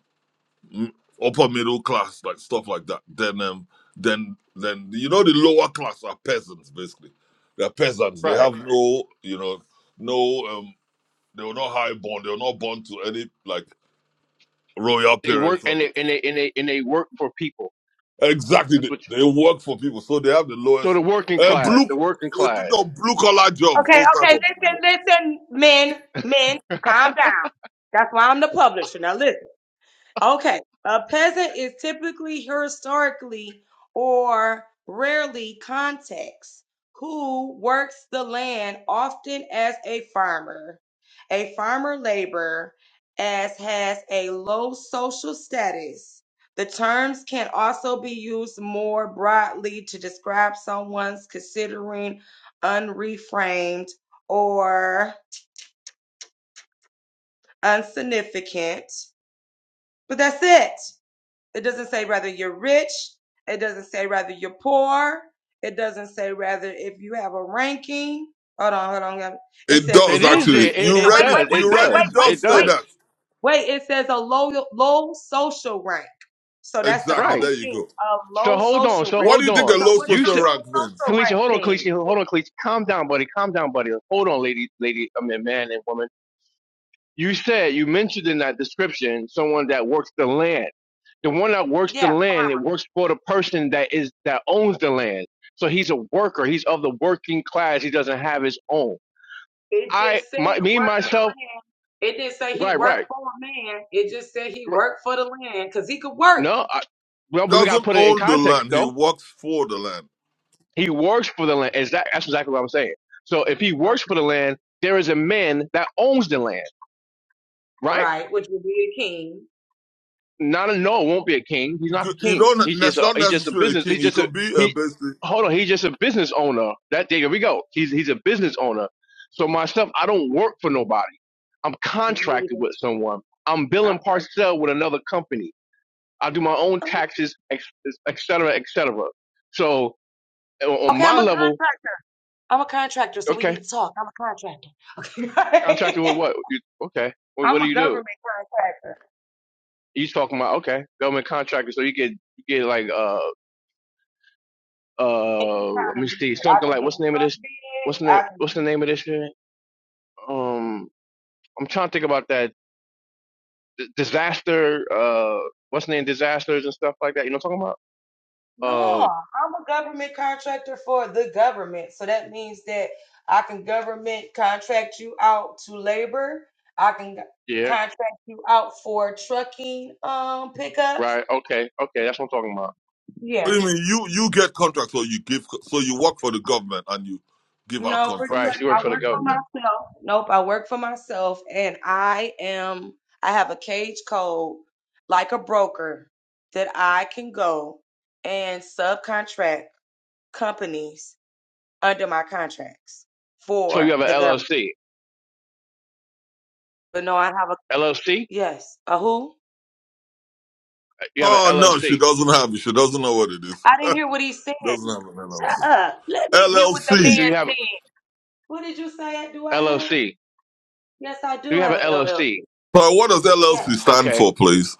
S3: m- upper middle class, like stuff like that. Then um, then then you know the lower class are peasants basically. They're peasants. They
S2: right.
S3: have no you know no um they were not high born. They were not born to any like royal
S2: They work
S3: parents or
S2: and they
S3: the,
S2: and they and they and they work for people.
S3: exactly
S2: That's
S3: they,
S2: what.
S3: they work for people, so they have the
S2: So
S3: lowest
S2: the working
S3: uh,
S2: class,
S3: blue.
S2: the working
S3: We think
S2: class.
S3: of blue collar jobs,
S1: Okay,
S3: those type
S1: okay,
S3: of people here.
S1: listen, listen, men, men,
S2: (laughs)
S1: calm down. That's why I'm the publisher. Now listen. Okay. A peasant is typically historically or rarely context who works the land often as a farmer, a farmer laborer, as has a low social status. The terms can also be used more broadly to describe someone's considering unreframed or insignificant. But that's it. It doesn't say whether you're rich. It doesn't say whether you're poor. It doesn't say whether if you have a ranking. Hold on, hold on. hold on. It
S3: It
S1: says it's
S3: does
S2: It
S1: a,
S2: is there.
S3: actually.
S2: It,
S3: You
S2: it
S3: read
S1: wait, wait,
S3: it.
S2: does.
S1: wait, wait,
S2: It
S3: You read
S1: wait,
S3: it.
S2: does.
S1: wait,
S3: Does
S2: It
S3: say
S1: wait,
S3: that
S2: does.
S1: wait. It says a low low social rank. So that's the
S3: exactly.
S2: Right.
S1: only
S3: There you
S1: thing
S3: go.
S1: a
S2: So
S1: low
S2: hold on.
S1: social
S2: So
S3: What
S1: rank.
S3: do
S2: hold
S3: you think a
S2: on.
S1: So
S3: low
S1: what is
S2: You
S1: a
S3: social
S2: said,
S1: low
S3: rank means?
S1: social
S2: Kalisha,
S1: rank
S2: hold on, Kalisha,
S1: thing?
S2: hold on, Kalisha. Calm down, buddy. Calm down, buddy. Hold on, lady, lady. I mean, man and woman. You said you mentioned in that description someone that works the land. The one that works the
S1: Yeah,
S2: land, it works for the person that is that owns the land. So he's a worker. He's of the working class. He doesn't have his own.
S1: it
S2: I,
S1: just said
S2: my, me,
S1: work of the
S2: myself.
S1: land. It didn't say he
S2: Right,
S1: worked
S2: right.
S1: for a man. It just said he worked for the land because he could work.
S2: No, I, well, but we got to
S3: doesn't
S2: put it in
S3: own the
S2: context
S3: land; he
S2: though.
S3: works for the land.
S2: He works for the land. Is that that's exactly what I'm saying. So if he
S1: Okay.
S2: works for the land, there is a man that owns the land, right?
S1: Right, which would be a king.
S2: Not a no, it won't be a king. He's
S3: You
S2: not the
S3: could- you
S2: king. He's
S3: don't.
S2: just
S3: That's
S2: a
S3: not
S2: he's just a
S3: necessarily a
S2: business.
S3: king.
S2: He's
S3: You
S2: just a
S3: can be a
S2: he.
S3: basically.
S2: Hold on, he's just a business owner. That there we go. He's he's a business owner. So myself, I don't work for nobody. I'm
S1: Me
S2: contracted
S1: neither.
S2: with someone. I'm billing
S1: I'm con-
S2: parcel with another company. I do my own taxes, ex- et cetera, et cetera. So on on
S1: okay. I'm
S2: my
S1: a
S2: level,
S1: contractor. I'm a contractor, so we
S2: okay,
S1: need to talk. I'm a contractor. Okay.
S2: contracted with
S1: (laughs)
S2: what? You, okay, what,
S1: I'm
S2: what do
S1: a
S2: you do?
S1: government contractor.
S2: You talking about okay, government contractor, so you get you get like uh
S1: Any
S2: uh let
S1: kind
S2: me
S1: of
S2: see
S1: bid, I
S2: something
S1: can
S2: like
S1: get
S2: what's
S1: a
S2: the name of
S1: truck
S2: this?
S1: bid.
S2: What's the name?
S1: I can
S2: What's the
S1: get
S2: name of this? Shit? Um, I'm trying to think about that D- disaster. Uh, what's the name? Disasters and stuff like that. You know what I'm talking about?
S1: no.
S2: Uh,
S1: I'm a government contractor for the government, so that means that I can government contract you out to labor. I can g-
S2: yeah,
S1: contract you out for trucking um pickups.
S2: right. Okay, okay, that's what I'm talking about.
S3: I
S1: Yeah.
S3: mean, you you get contracts, or you give. So you work for the government and you give out
S1: No, pretty much.
S2: Right.
S3: contracts.
S2: She
S1: I
S2: works for the
S1: work for
S2: government.
S1: myself. Nope, I work for myself and I am I have a cage code like a broker that I can go and subcontract companies under my contracts
S2: So you
S1: for
S2: have an
S1: the government.
S2: LLC.
S1: But no, I have a
S2: LLC.
S1: yes, a who?
S2: You have an
S3: Oh no, she
S2: LLC.
S3: doesn't have it. She doesn't know what it is.
S1: I didn't hear what he said.
S3: Doesn't have an
S1: Shut
S3: LLC.
S1: up. Let me hear what the
S2: That's good.
S3: LLC.
S2: Do
S1: man
S2: you have
S1: said. What did you say? Do I have?
S2: LLC?
S1: Yes, I
S2: Do
S1: do
S2: you have
S1: have a
S2: an
S1: LLC.
S2: LLC?
S3: So what does LLC
S1: Yes.
S3: stand
S2: Okay.
S3: for, please?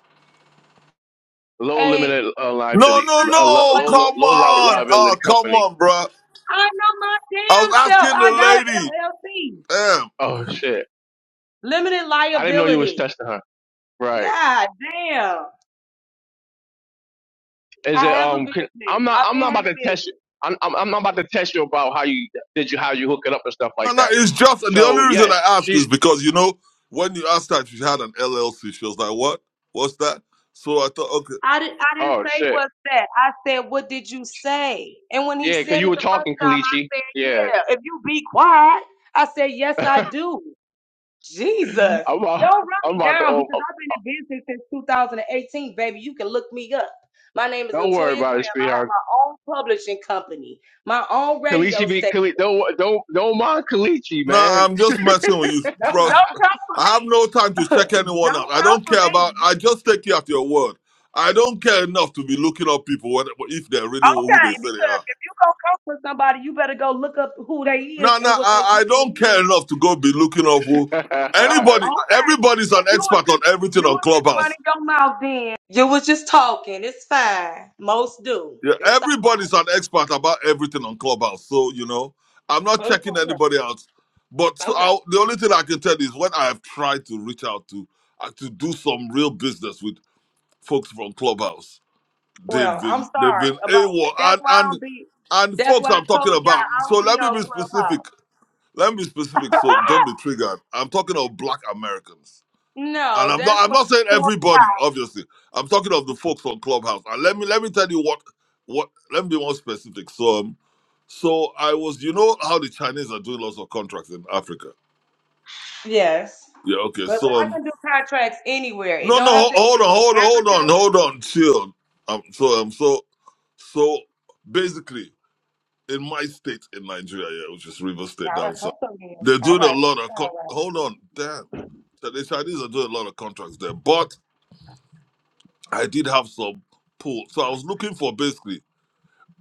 S2: Low
S1: A
S2: limited uh,
S3: No,
S2: liability,
S3: no,
S1: good
S2: uh, low,
S1: low
S3: no.
S2: low
S3: Come
S2: low
S3: on.
S1: liability
S2: liability
S3: Oh, come
S2: company.
S3: on, bruh.
S1: I know my
S3: I was
S1: damn self.
S3: asking the
S1: I got an
S3: lady.
S1: LLC,
S3: Yeah.
S2: Oh shit!
S1: limited
S2: I didn't know you was
S1: liability.
S2: testing her. Right?
S1: God damn.
S2: Is
S1: I
S2: it
S1: have a
S2: um? Can,
S1: business.
S2: I'm not.
S1: I've
S2: I'm
S1: been
S2: not
S1: had
S2: about
S1: a
S2: to test you.
S1: business.
S2: I'm, I'm. I'm not about to test you about how you did you how you hook it up and stuff
S3: No,
S2: like
S3: no,
S2: that.
S3: it's just the only
S2: So
S3: reason
S2: yes,
S3: I asked is
S2: she's.
S3: because you know when you asked her if she had an LLC, she was like, "What? What's that?" So I thought, okay,
S1: I, did, I didn't
S2: Oh
S1: say
S2: shit!
S1: what's that. I said, what did you say? And when he
S2: Yeah, because
S1: said
S2: you
S1: it
S2: were
S1: the first
S2: talking
S1: time,
S2: Kalichi.
S1: I said,
S2: Yeah.
S1: yeah, if you be quiet, I said, yes,
S2: (laughs)
S1: I
S2: I'm
S1: do. Jesus. Don't
S2: about.
S1: run
S2: I'm
S1: me
S2: about to.
S1: down
S2: Oh,
S1: because
S2: oh,
S1: I've been in business since 2018, baby. You can look me up. My name is
S2: don't worry
S1: Latoya Graham.
S2: about it,
S1: I have
S2: sweetheart.
S1: my own publishing company my own radio
S2: Kalichi be
S1: station.
S2: Kali. Don't don't don't mind Kalichi,
S3: no,
S2: man.
S3: I'm just messing with you,
S1: Don't
S3: bro.
S1: don't come for
S3: I
S1: me.
S3: have no time to
S1: (laughs)
S3: check anyone out.
S1: don't
S3: I
S1: come
S3: don't
S1: for
S3: care
S1: me.
S3: about. I just take you at your word. I don't care enough to be looking up people whether, if they're really who
S1: Okay,
S3: they say they
S1: because
S3: are.
S1: if you gonna come for somebody, you better go look up who they is
S3: No, no,
S1: and what they
S3: I,
S1: do
S3: I
S1: for
S3: don't care
S1: real.
S3: enough to go be looking up who
S1: Oh,
S2: (laughs)
S3: anybody.
S1: okay.
S3: Everybody's
S1: But
S3: an
S1: you was
S3: expert on
S1: just
S3: everything
S1: you
S3: on
S1: was just
S3: Clubhouse.
S1: running your mouth then. You was just talking. It's fine. Most do.
S3: Yeah,
S1: It's all
S3: everybody's an expert about everything on Clubhouse. So, you know, I'm not
S1: right. It's
S3: checking
S1: all
S3: anybody else. But
S1: right.
S3: so
S1: Okay.
S3: I'll, the only thing I can tell you is when I have tried to reach out to uh, to do some real business with folks from Clubhouse, they've
S1: Well, I'm
S3: been they've
S1: sorry
S3: been
S1: about
S3: AWOL
S1: that's
S3: and
S1: why I
S3: and
S1: don't be
S3: and
S1: that's
S3: folks
S1: why I
S3: I'm
S1: told
S3: talking about.
S1: y'all I
S3: So
S1: don't be
S3: let me
S1: on
S3: be specific.
S1: Clubhouse.
S3: Let me be specific. So don't be
S1: (laughs)
S3: triggered. I'm talking of Black Americans and
S1: no,
S3: I'm not
S1: that's
S3: I'm not saying
S1: why
S3: everybody, obviously. I'm talking of the folks on Clubhouse. And let me let me tell you what what let me be more specific. So um, so I was you know how the Chinese are doing lots of contracts in Africa.
S1: Yes.
S3: Yeah, okay.
S1: But
S3: So
S1: I
S3: um
S1: can do contracts anywhere. It
S3: no
S1: don't
S3: no
S1: have
S3: ho-
S1: to it
S3: hold
S1: can
S3: on,
S1: be in
S3: hold on, hold on,
S1: Africa.
S3: hold on, chill. Um so um so so basically in my state in Nigeria, yeah, which is Rivers
S1: All
S3: State
S1: right,
S3: down
S1: come
S3: south,
S1: on here.
S3: they're
S1: All
S3: doing a
S1: right, make
S3: lot
S1: it
S3: of co-
S1: sound
S3: hold on, damn. So The Chinese are doing a lot of contracts there. but. I did have some pull. So I was looking for basically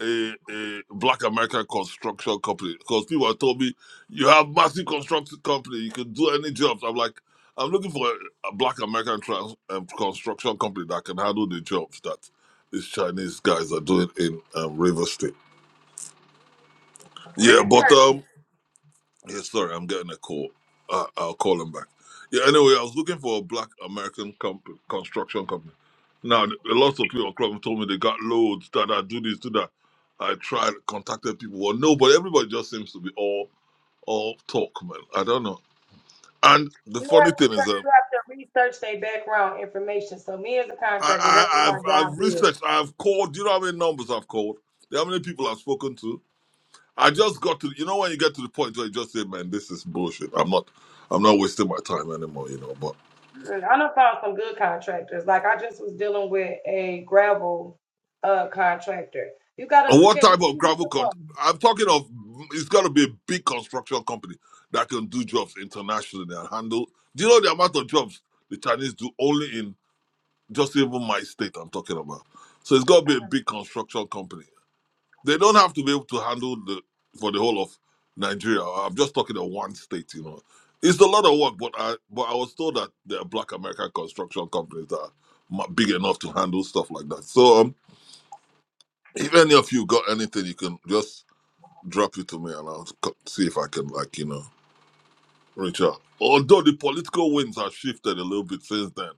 S3: a, a black American construction company because people had told me, you have massive construction company, you can do any jobs. I'm like, I'm looking for a, a black American trans, um, construction company that can handle the jobs that these Chinese guys are doing in um, River State.
S1: right.
S3: Yeah, but
S1: Research.
S3: um, Yeah, sorry, I'm getting a call. Uh, I'll call him back. Yeah, anyway, I was looking for a black American comp- construction company. Now, th- lots of people across told me they got loads that I do this, do that. I tried, contacted people. Well, no, but everybody just seems to be all all talk, man. I don't know. And the
S1: You
S3: funny
S1: have to
S3: thing is
S1: 'cause
S3: that
S1: you have to research their background information. So me as a contractor,
S3: I,
S1: that's what
S3: I,
S1: my
S3: I've
S1: job
S3: I've
S1: is.
S3: researched. I've called. Do you know how many numbers I've called? Do you know how many people I've spoken to? I just got to. You know when you get to the point where you just say, "Man, this is bullshit. I'm not. I'm not wasting my time anymore." You know, but
S1: And I done found some good contractors. Like I just was dealing with a gravel uh contractor. You gotta
S3: And
S1: look
S3: what
S1: at what
S3: type of
S1: you're
S3: gravel?
S1: looking
S3: Con-
S1: for. Y'all
S3: I'm talking of. It's got to be a big construction company that can do jobs internationally and handle. Do you know the amount of jobs the Chinese do only in just even my state? I'm talking about. So it's got to be a big construction company. They don't have to be able to handle the for the whole of Nigeria. I'm just talking of one state. You know, it's a lot of work, but I but I was told that there are Black American construction companies that are ma- big enough to handle stuff like that. So um, if any of you got anything, you can just drop it to me and I'll co- see if I can, like, you know, reach out. Although the political winds have shifted a little bit since then,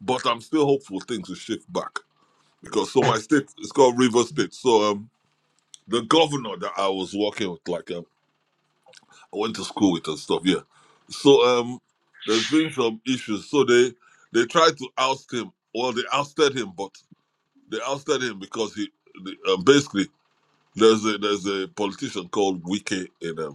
S3: but I'm still hopeful things will shift back because so my state it's called River State. So um, the governor that I was working with, like, um, I went to school with and stuff. Yeah. So um, there's been some issues. So they they tried to oust him. Well, they ousted him, but they ousted him because he the, um, basically there's a there's a politician called Wike in um,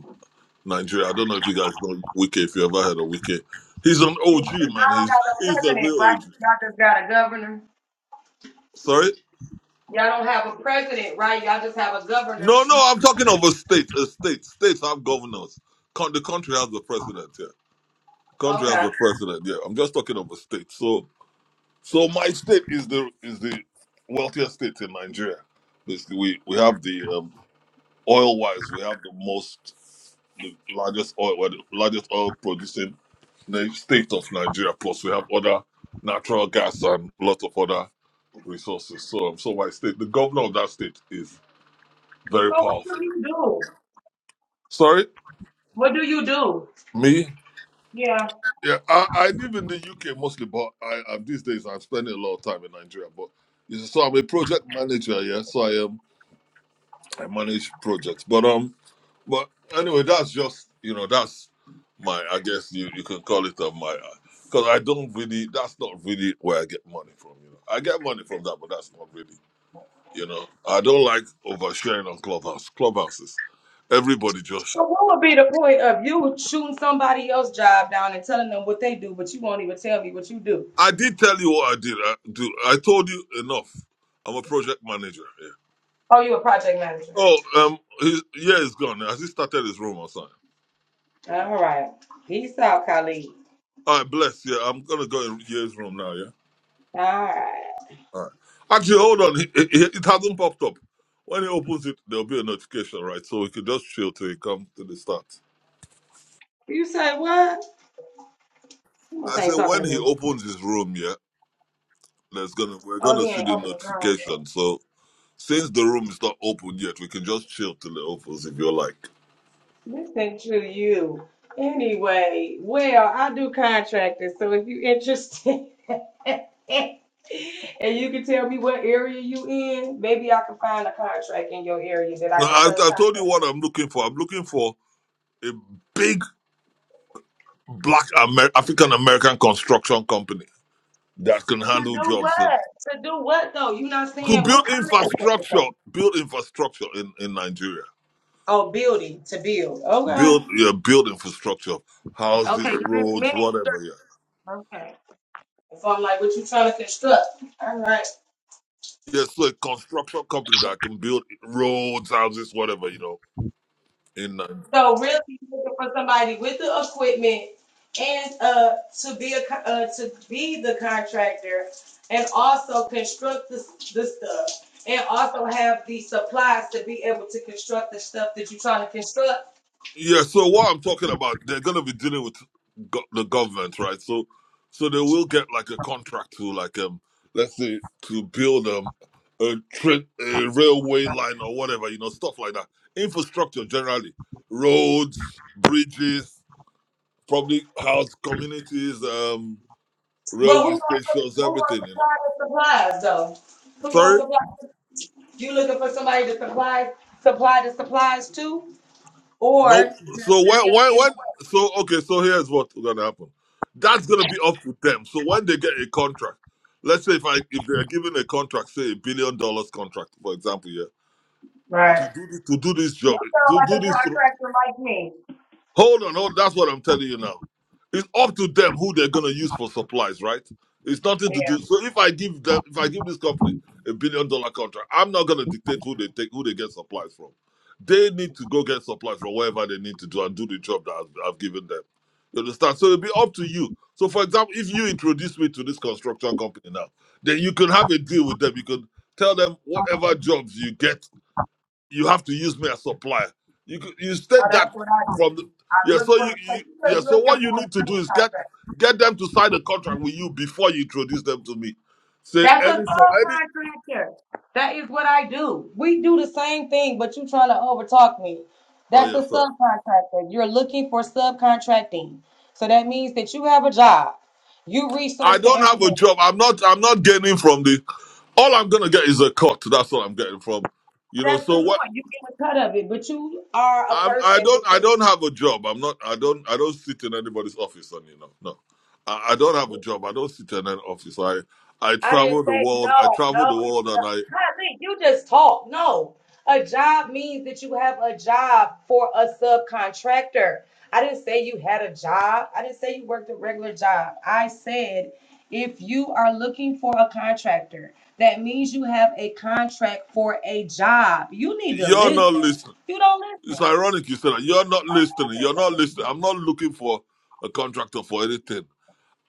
S3: Nigeria. I don't know if you guys know Wike. If you ever heard of Wike, he's an OG man. He's
S1: got
S3: (laughs)
S1: no
S3: he's a
S1: president,
S3: real
S1: right?
S3: OG.
S1: Y'all just got a governor.
S3: Sorry,
S1: Y'all don't have a president, right? Y'all just have a governor
S3: no,
S1: for each.
S3: no. I'm talking of a state. A state. States have governors. Con- the country has the president. Yeah, country has
S1: Okay.
S3: the president. Yeah, I'm just talking of a state. So, so my state is the is the wealthiest state in Nigeria. Basically, we we have the um, oil wise, we have the most, the largest oil, we're the largest oil producing na- state of Nigeria. Plus, we have other natural gas and lots of other resources. So, um, so my state, the governor of that state is very
S1: So what
S3: powerful.
S1: do you do?
S3: Sorry,
S1: What do you do?
S3: me.
S1: Yeah.
S3: Yeah, I, I live in the UK mostly, but I, I these days I'm spending a lot of time in Nigeria. But you see, so I'm a project manager, yeah. So I am. I manage projects. But um, but anyway, that's just you know that's my I guess you you can call it uh, my because I don't really that's not really where I get money from. You know, I get money from that, but that's not really you know. I don't like oversharing on clubhouse. Clubhouses, everybody just.
S1: So what would be the point of you shooting somebody else's job down and telling them what they do, but you won't even tell me what you do?
S3: I did tell you what I did. I, do I told you enough. I'm a project manager. Yeah.
S1: Oh, you're a project manager.
S3: Oh, um, his yeah, he's gone. Has he started his room or something?
S1: All right. Peace out, colleague.
S3: All right, bless. Yeah, I'm gonna go in year's room now. Yeah.
S1: All right.
S3: All right. Actually, hold on. It, it, it hasn't popped up. When he opens it, there'll be a notification, right? So we can just chill till he comes to the start.
S1: You say what?
S3: I
S1: Must
S3: said
S1: ain't talking
S3: when
S1: to
S3: he
S1: me.
S3: opens his room, yeah, there's gonna we're
S1: Oh,
S3: gonna
S1: he
S3: see
S1: ain't
S3: the
S1: opening the room.
S3: notification. So since the room is not open yet, we can just chill till it opens if you like.
S1: This ain't true to you. Anyway, well, I do contractors, so if you're interested (laughs) and you can tell me what area you in, maybe I can find a contract in your area that I
S3: Now,
S1: can
S3: I, I told you
S1: subcontract.
S3: what I'm looking for. I'm looking for a big black Amer- African American construction company that can
S1: To
S3: handle
S1: do
S3: jobs and
S1: what? To do what though? You're not
S3: to
S1: saying
S3: build
S1: what kind of contractor
S3: infrastructure,
S1: though?
S3: build infrastructure in, in Nigeria.
S1: Oh, building to build. Okay.
S3: build yeah, build infrastructure,
S1: Okay.
S3: houses,
S1: you did
S3: roads,
S1: many.
S3: whatever. Yeah,
S1: Okay. So I'm like, what you trying to construct? All right.
S3: yeah. So a construction company that can build roads, houses, whatever. You know, in uh,
S1: So really looking for somebody with the equipment and uh to be a co- uh, to be the contractor and also construct the the stuff and also have the supplies to be able to construct the stuff that you're trying to construct.
S3: yeah. So what I'm talking about, they're gonna be dealing with go- the government, right? So so they will get like a contract to like um, let's say to build um a train, a railway line or whatever. You know, stuff like that. Infrastructure generally, roads, bridges, probably house communities, um,
S1: But who
S3: railway
S1: gonna,
S3: stations,
S1: who gonna
S3: everything. You know.
S1: supply the supplies though? Who gonna
S3: Sorry,
S1: supply? You looking for somebody to supply supply the supplies to,
S3: nope.
S1: or just
S3: So why,
S1: be
S3: why,
S1: able
S3: why? So okay, so here's what's gonna happen. That's gonna be up to them. So when they get a contract, let's say if I if they are given a contract, say a billion dollars contract, for example, yeah, to
S1: Right.
S3: do this, to do this
S1: you
S3: job,
S1: sound
S3: to
S1: like
S3: do
S1: a
S3: this.
S1: contractor like me.
S3: Hold on, hold. That's what I'm telling you now. It's up to them who they're gonna use for supplies, right? It's nothing to do. So if I give the, if I give this company a billion dollar contract, I'm not gonna dictate who they take, who they get supplies from. They need to go get supplies from wherever they need to do and do the job that I've, I've given them. You understand? So it'll be up to you. So for example, if you introduce me to this construction company now, then you can have a deal with them. You can tell them whatever jobs you get you have to use me as supplier. You could- you
S1: Oh,
S3: state
S1: that's
S3: that
S1: what I do.
S3: from the
S1: I
S3: yeah.
S1: look
S3: So
S1: for,
S3: you,
S1: like
S3: you
S1: you said,
S3: yeah. So
S1: looking
S3: what you
S1: for a
S3: need to do is get
S1: subcontractor.
S3: get them to sign a contract with you before you introduce them to me. Say
S1: That's a
S3: any so any.
S1: subcontractor. That is what I do. We do the same thing, but you trying to overtalk me.
S3: Oh
S1: That's a
S3: yes, sir.
S1: subcontractor. You're looking for subcontracting. So that means that you have a job. You research
S3: I
S1: the
S3: don't have a
S1: information.
S3: job. I'm not. I'm not gaining from the. All I'm gonna get is a cut. That's what I'm getting from. You know.
S1: That's
S3: So
S1: the
S3: what?
S1: point. You get a cut of it, but you are a
S3: I'm. I
S1: person that
S3: don't. I
S1: can
S3: don't have a job. I'm not. I don't. I don't sit in anybody's office. And you know. No. I, I don't have a job. I don't sit in an office. I. I
S1: I
S3: travel
S1: didn't
S3: the
S1: say
S3: world. I
S1: no,
S3: travel the
S1: no, you
S3: world,
S1: no.
S3: and I
S1: Kylie, you just talk. No. A job means that you have a job for a subcontractor. I didn't say you had a job. I didn't say you worked a regular job. I said if you are looking for a contractor, that means you have a contract for a job. You need to
S3: You're not
S1: listen.
S3: listening.
S1: You don't
S3: It's
S1: listen.
S3: ironic you said that. You're not
S1: Why are
S3: listening.
S1: you
S3: You're not
S1: listening?
S3: listening. I'm not looking for a contractor for anything.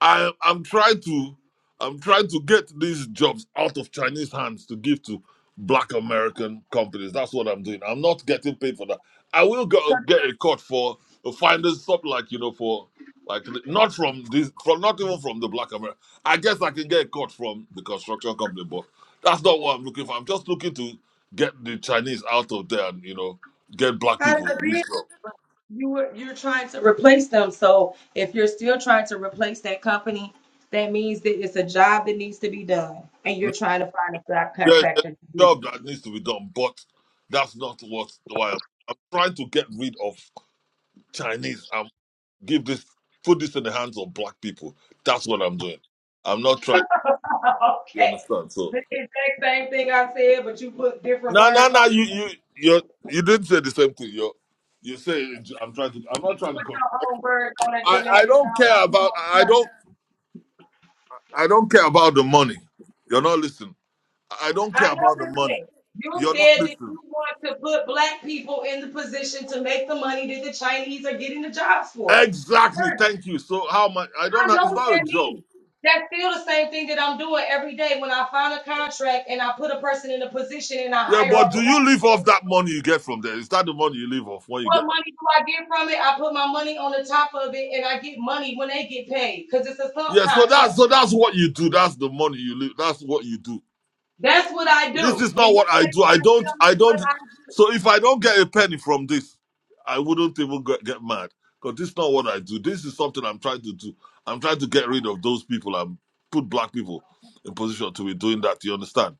S3: I I'm trying to I'm trying to get these jobs out of Chinese hands to give to black American companies. That's what I'm doing. I'm not getting paid for that. I will go,
S1: 'Cause
S3: get a cut for finding stuff like you know for like not from this from not even from the black American. I guess I can get a cut from the construction company, but that's not what I'm looking for. I'm just looking to get the Chinese out of there and you know get
S1: I'm
S3: black
S1: tired
S3: people
S1: of
S3: this job.
S1: You were you're trying to replace them. So if you're still trying to replace that company, that means that it's a job that needs to be done, and you're trying to find a
S3: Yes, there's
S1: subcontractor to
S3: a
S1: do. it.
S3: job that needs to be done, but that's not what why I'm, I'm trying to get rid of Chinese and give this put this in the hands of black people. That's what I'm doing. I'm not trying.
S1: (laughs)
S3: You
S1: okay,
S3: understand? So
S1: the exact same thing I said, but you put different
S3: no, no,
S1: words
S3: no.
S1: on it.
S3: You
S1: You
S3: you you you didn't say the same thing. You you say I'm trying to. I'm not trying to.
S1: Put
S3: Come.
S1: your own words on it
S3: I
S1: to make
S3: I
S1: it
S3: don't
S1: sound
S3: care
S1: like you
S3: about.
S1: want to.
S3: I don't.
S1: sound.
S3: I don't care about the money. You're not listening. I don't
S1: I
S3: care about the money.
S1: understand. You
S3: You're not
S1: said that
S3: listening.
S1: you want to put black people in the position to make the money that the Chinese are getting the jobs for. I
S3: Exactly.
S1: heard it.
S3: Thank you. So how much? I don't
S1: I
S3: know.
S1: know
S3: It's
S1: what
S3: not a
S1: that
S3: job.
S1: means. That feel the same thing that I'm doing every day when I find a contract and I put a person in a position and I
S3: Yeah,
S1: hire
S3: but
S1: a
S3: do
S1: black
S3: you live
S1: man.
S3: off that money you get from there? Is that the money you live off when you
S1: What
S3: get that?
S1: money do I get from it? I put my money on the top of it and I get money when they get paid because it's a
S3: Yeah, so that's so
S1: subcontract.
S3: that's what you do. That's the money you live. That's what you do.
S1: That's what I
S3: This
S1: do.
S3: is
S1: And
S3: not
S1: you
S3: what I
S1: said you're
S3: do. I
S1: trying to
S3: don't.
S1: tell me
S3: I
S1: what
S3: don't.
S1: I
S3: So if I don't get a penny from this, I wouldn't even get, get mad because this is not what I do. This is something I'm trying to do. I'm trying to get rid of those people and put black people in position to be doing that. You understand?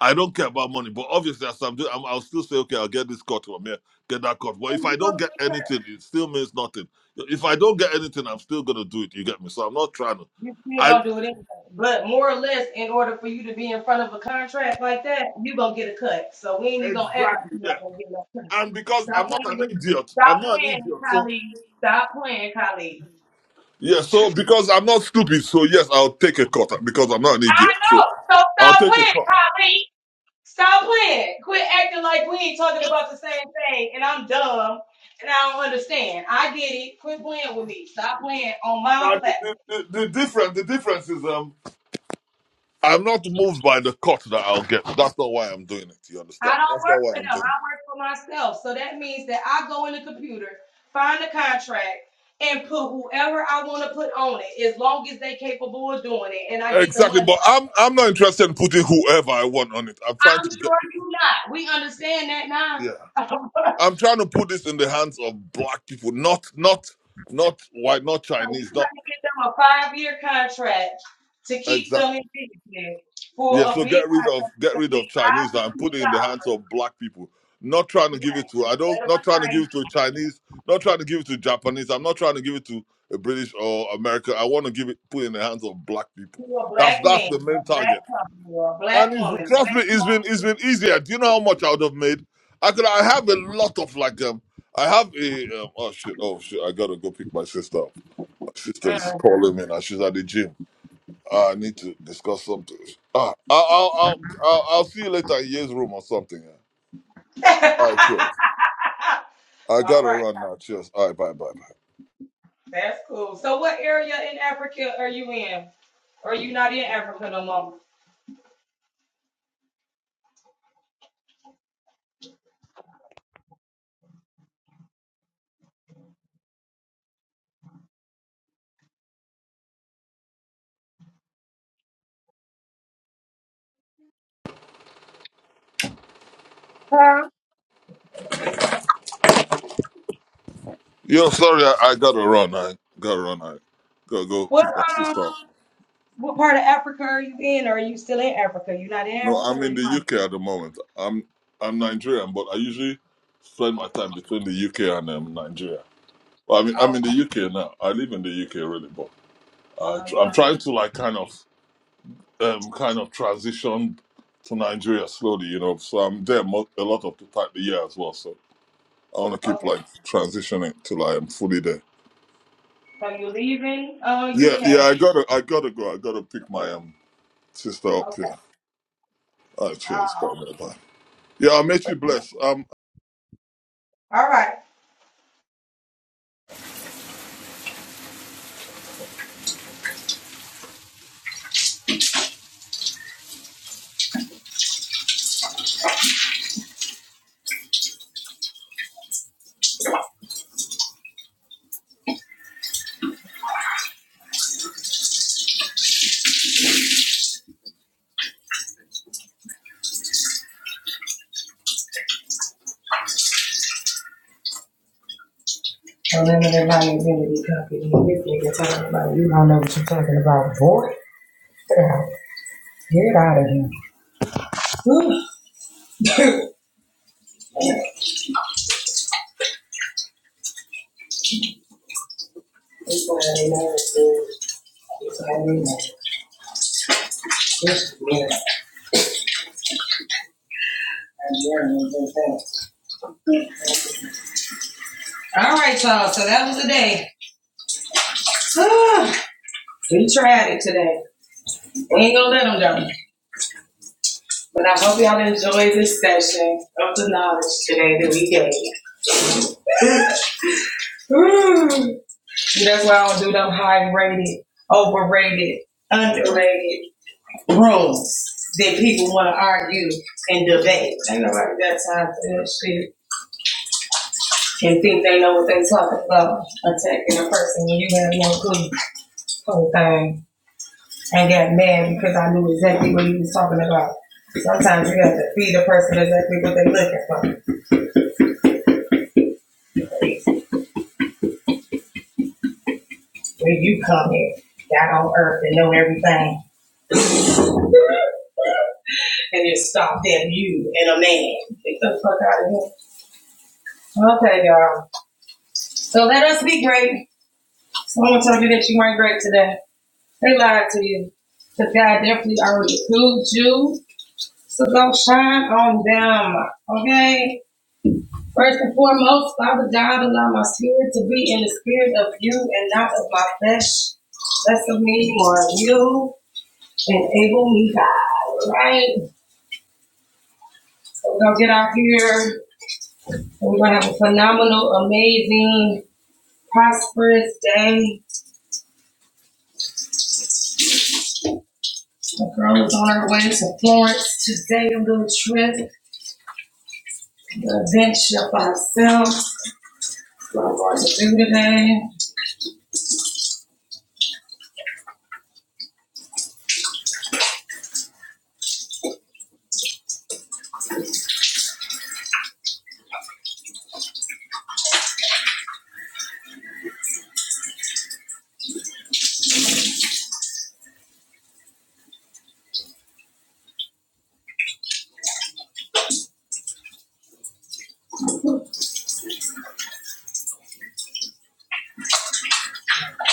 S3: I don't care about money, but obviously, as I'm doing, I'm, I'll still say, okay, I'll get this cut from here, get that cut. But if I don't get
S1: do.
S3: anything, it still means nothing. If I don't get anything, I'm still gonna do it. You get me? So I'm not trying to.
S1: You still
S3: I
S1: gonna do it anyway. But more or less, in order for you to be in front of a contract like that, you gonna get a cut. So we ain't even gonna act like
S3: exactly.
S1: you're
S3: Yeah.
S1: not gonna get no cut.
S3: and because
S1: Stop
S3: I'm not
S1: playing
S3: an
S1: with
S3: idiot, I'm
S1: stop
S3: not an
S1: playing,
S3: idiot. So
S1: Kylie. Stop playing, Kylie.
S3: yeah, so because I'm not stupid, so yes, I'll take a cut because I'm not an
S1: I
S3: idiot. So
S1: know. So
S3: I'll
S1: stop
S3: take a
S1: playing,
S3: cut.
S1: Kylie. Stop playing. Quit acting like we ain't talking about the same thing and I'm dumb and I don't understand. I get it. Quit playing with me. Stop playing on my
S3: Now the,
S1: platform.
S3: the, the, the difference, the difference is um, I'm not moved by the cut that I'll get. That's not why I'm doing it. You
S1: I
S3: understand?
S1: don't
S3: That's not
S1: work
S3: why
S1: for them.
S3: I'm
S1: I
S3: doing it.
S1: work for myself. So that means that I go in the computer, find a contract, and put whoever I want to put on it, as long as they are capable of doing it, and I get the
S3: Exactly,
S1: money.
S3: but
S1: off.
S3: I'm I'm not interested in putting whoever I want on it. I'm trying
S1: I'm
S3: to get
S1: sure you not. We understand that now.
S3: yeah.
S1: (laughs) so
S3: I'm trying to put this in the hands of black people, not not not white, not Chinese,
S1: you
S3: not
S1: trying to get them a five year contract to keep
S3: exactly.
S1: them in business for
S3: Yeah,
S1: a
S3: so
S1: big
S3: get rid of
S1: contract You
S3: get
S1: can
S3: rid of
S1: be five
S3: Chinese and put
S1: million
S3: it in the hands
S1: dollars.
S3: of black people. Not trying to give it
S1: Yeah,
S3: to I don't
S1: instead of
S3: not
S1: a
S3: trying to give
S1: tiny
S3: it to a Chinese, not trying to give it to Japanese. I'm not trying to give it to a British or American. I want to give it put it in the hands of black people.
S1: to a
S3: That's
S1: black
S3: that's
S1: man,
S3: the main
S1: a black
S3: target.
S1: company, or a
S3: And
S1: black
S3: it's,
S1: woman, a
S3: trust me,
S1: black
S3: it's been
S1: small
S3: it's been easier. Do you know how much I would have made? I could I have a lot of like um I have a um, oh shit oh shit I gotta go pick my sister up. My sister
S1: Uh.
S3: is calling me and she's at the gym. Uh, I need to discuss something. Uh, I'll, I'll, I'll, I'll I'll see you later in Ye's room or something. Yeah.
S1: (laughs)
S3: All right, cheers. I
S1: All
S3: gotta
S1: right,
S3: run now. Cheers. All right, bye, bye, bye.
S1: that's cool. So, what area in Africa are you in? Or are you not in Africa no more? Huh?
S3: Yo, sorry, I, I gotta run. I gotta run. I gotta go
S1: What
S3: pick my
S1: um,
S3: sister up.
S1: what part of Africa are you in? Or are you still in Africa? You not in
S3: No,
S1: Africa,
S3: I'm
S1: or
S3: in
S1: you
S3: the UK at the moment. I'm I'm Nigerian, but I usually spend my time between the UK and um, Nigeria. Well, I mean,
S1: are?
S3: I'm in
S1: Okay,
S3: the UK now. I live in the UK really, but I
S1: so
S3: tr-
S1: you
S3: I'm trying
S1: ain't-
S3: to like kind of. um, kind of transitioned to Nigeria slowly, you know. So I'm there mo- a lot of the time the year as well. So I want to keep
S1: okay,
S3: like transitioning till I am fully there.
S1: so you leaving uh
S3: Yeah, yeah.
S1: UK?
S3: I gotta, I gotta go. I gotta pick my um sister up
S1: Okay,
S3: here. All right, cheers. Bye,
S1: oh,
S3: bye, bye. Yeah, I make you blessed. Um,
S1: all right. So none of that liability company. This nigga talking about you don't know what you're talking about, boy. Get out of here. Whew. That's why ain't mad All right, y'all. So that was the day. (sighs) we tried it today. We ain't gonna let them down. But I hope y'all enjoyed this session. That's why I don't do them high rated, overrated, underrated, and think they know what they talking about. Attacking a person when you have no clue. Whole thing. I got mad because I knew exactly what he was talking about. Sometimes you have to feed a person exactly what they're looking for. where you come here, down on earth and know everything, and it stopped at you and get the fuck out of here. Okay, y'all. So let us be great. Someone told you that you weren't great today. They lied to you. Because God definitely already proved you. So look on them, okay? First and foremost, Father God, my spirit to be in the spirit of you and not of my flesh. Less of me, more of you. Enable me, God, right? So we're going to get out here We're gonna have a phenomenal, amazing, prosperous day. I was on our way to Florence today, a little trip, adventure by ourselves to do today.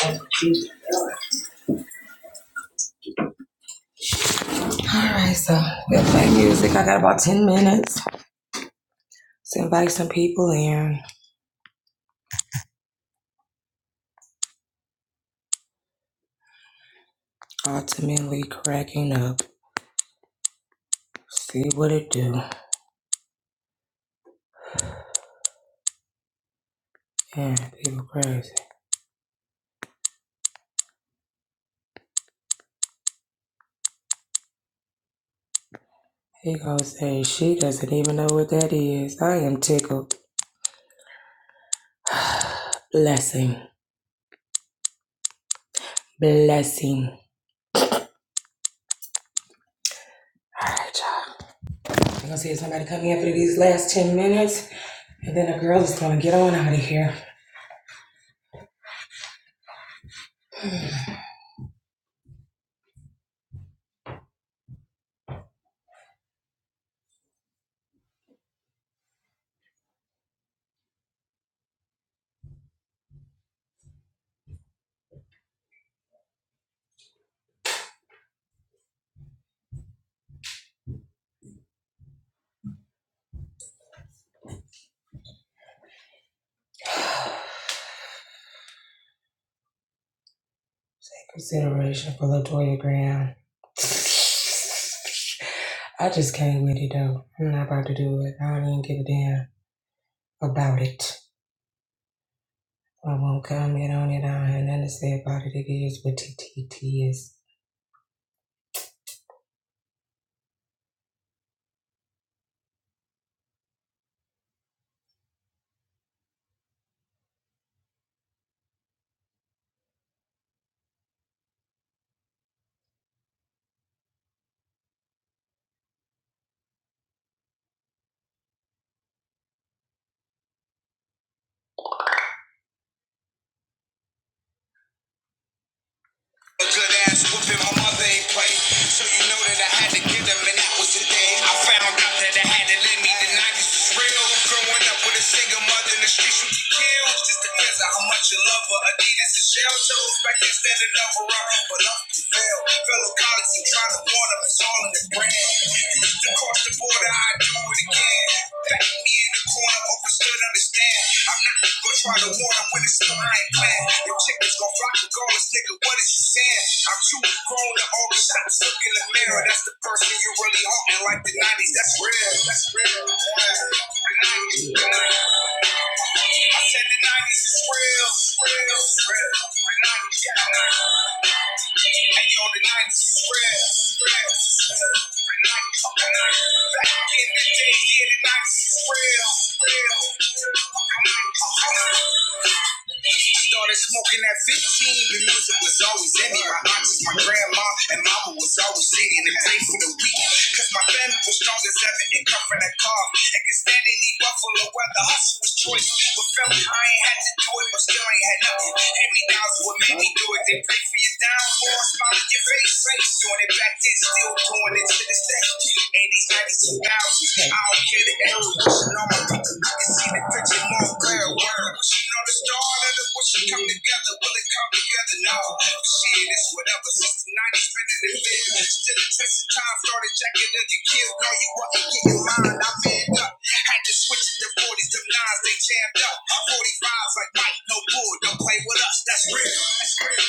S1: All right, so we'll play music. I got about 10 minutes to invite some people in. Ultimately, cracking up. See what it do. Yeah, people crazy. He gonna say she doesn't even know what that is. I am tickled. Blessing. Blessing. All right, y'all. I'm gonna see if somebody come in for these last 10 minutes, and then the girl is gonna get on out of here. Take consideration for Latoya Graham. I just can't with it though. I'm not about to do it. I don't even give a damn about it. I won't comment on it. I don't have nothing to say about it. It is what T T T is. A good ass whooping my mother ain't play. So you know that I had to get him, and that was the day I found out that I had to live. me. The 90s was real. Growing up with a single mother in the streets, you get killed. Just depends on how much you love her. Adidas and shell toes back then standing up for her. But love to fail. Fellow colleagues who try to warn them, it's all in the brand. You used to cross the border, I would do it again. Back me in the corner. I hope you should understand. I'm not gonna try to warn them when it's still I ain't plan. Your chicken's gonna rock regardless, nigga. What is you saying? I'm too grown to all the shots look in the mirror. That's the first thing you really haunting like the 90s. That's real. That's real. Yeah. The 90s. The 90s. I said the 90s is real, real, real. The 90s got nothing. Hey, yo, the 90s is real, real, real. The 90s, the 90s. Back in the day, yeah, the 90s is real, real. The 90s, the 90s. Started smoking at 15, the music was always in me. My aunties, my grandma, and mama was always sitting and playing for the week. Cause my family was strong as ever and comfort and calm. And could stand any buffalo weather, hustle was choice. But family, I ain't had to do it, but still ain't had nothing. Hand me downs what made me do it. They pray for your downfall, smile in your face. face. Doing it back then, still doing it to this day. 80s, 90s, 2000s. I don't care the evolution on my people. I can see the picture more clear. Word wishing On the dawn and the worship come together. Will it come together? No. Shit, it's whatever. Since the 90s, spinning in field. Still the test of time. Started jacking in the kill. No, you wasn't getting mine. I manned up. Had to switch to the 40s. Them nines, they jammed up. 45s like Mike, no bull. Don't play with us. That's real. That's real.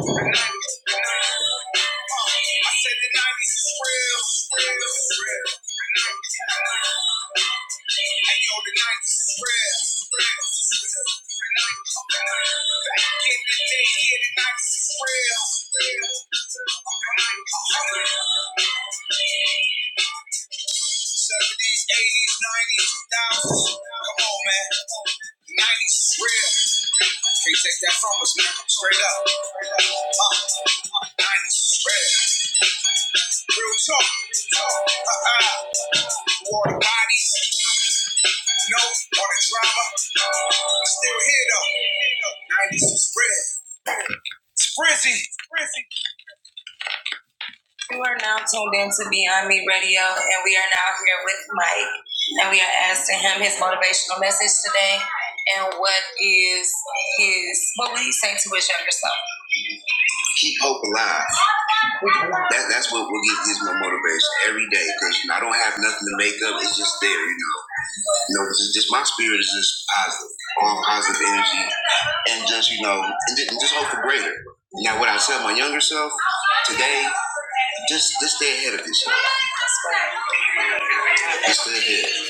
S1: The 90s. The 90s. I said the 90s is real. Real. real. Hey the night is real. real, The night Back in the day, yeah, the night is real. The night 70s, 80s, 90s, 2000s. Come on, man. 90s is real. Can't take that from us, man. Straight up. Uh, uh, 90s is real. Real talk. Uh, uh, War the bodies, no, all the drama. I'm still here though. 90s is spread. Sprizzy. Sprizzy. You are now tuned in to Beyond Me Radio, and we are now here with Mike, and we are asking him his motivational message today, and what is his, what would he say to his younger self? Keep hope alive. That, that's what will get gives me motivation every day, because I don't have nothing to make up. It's just there, you know. You know, just, just my spirit is just positive, all positive energy, and just you know, and just, and just hope for greater. Now, what I tell my younger self today, just just stay ahead of this. shit. Just stay ahead.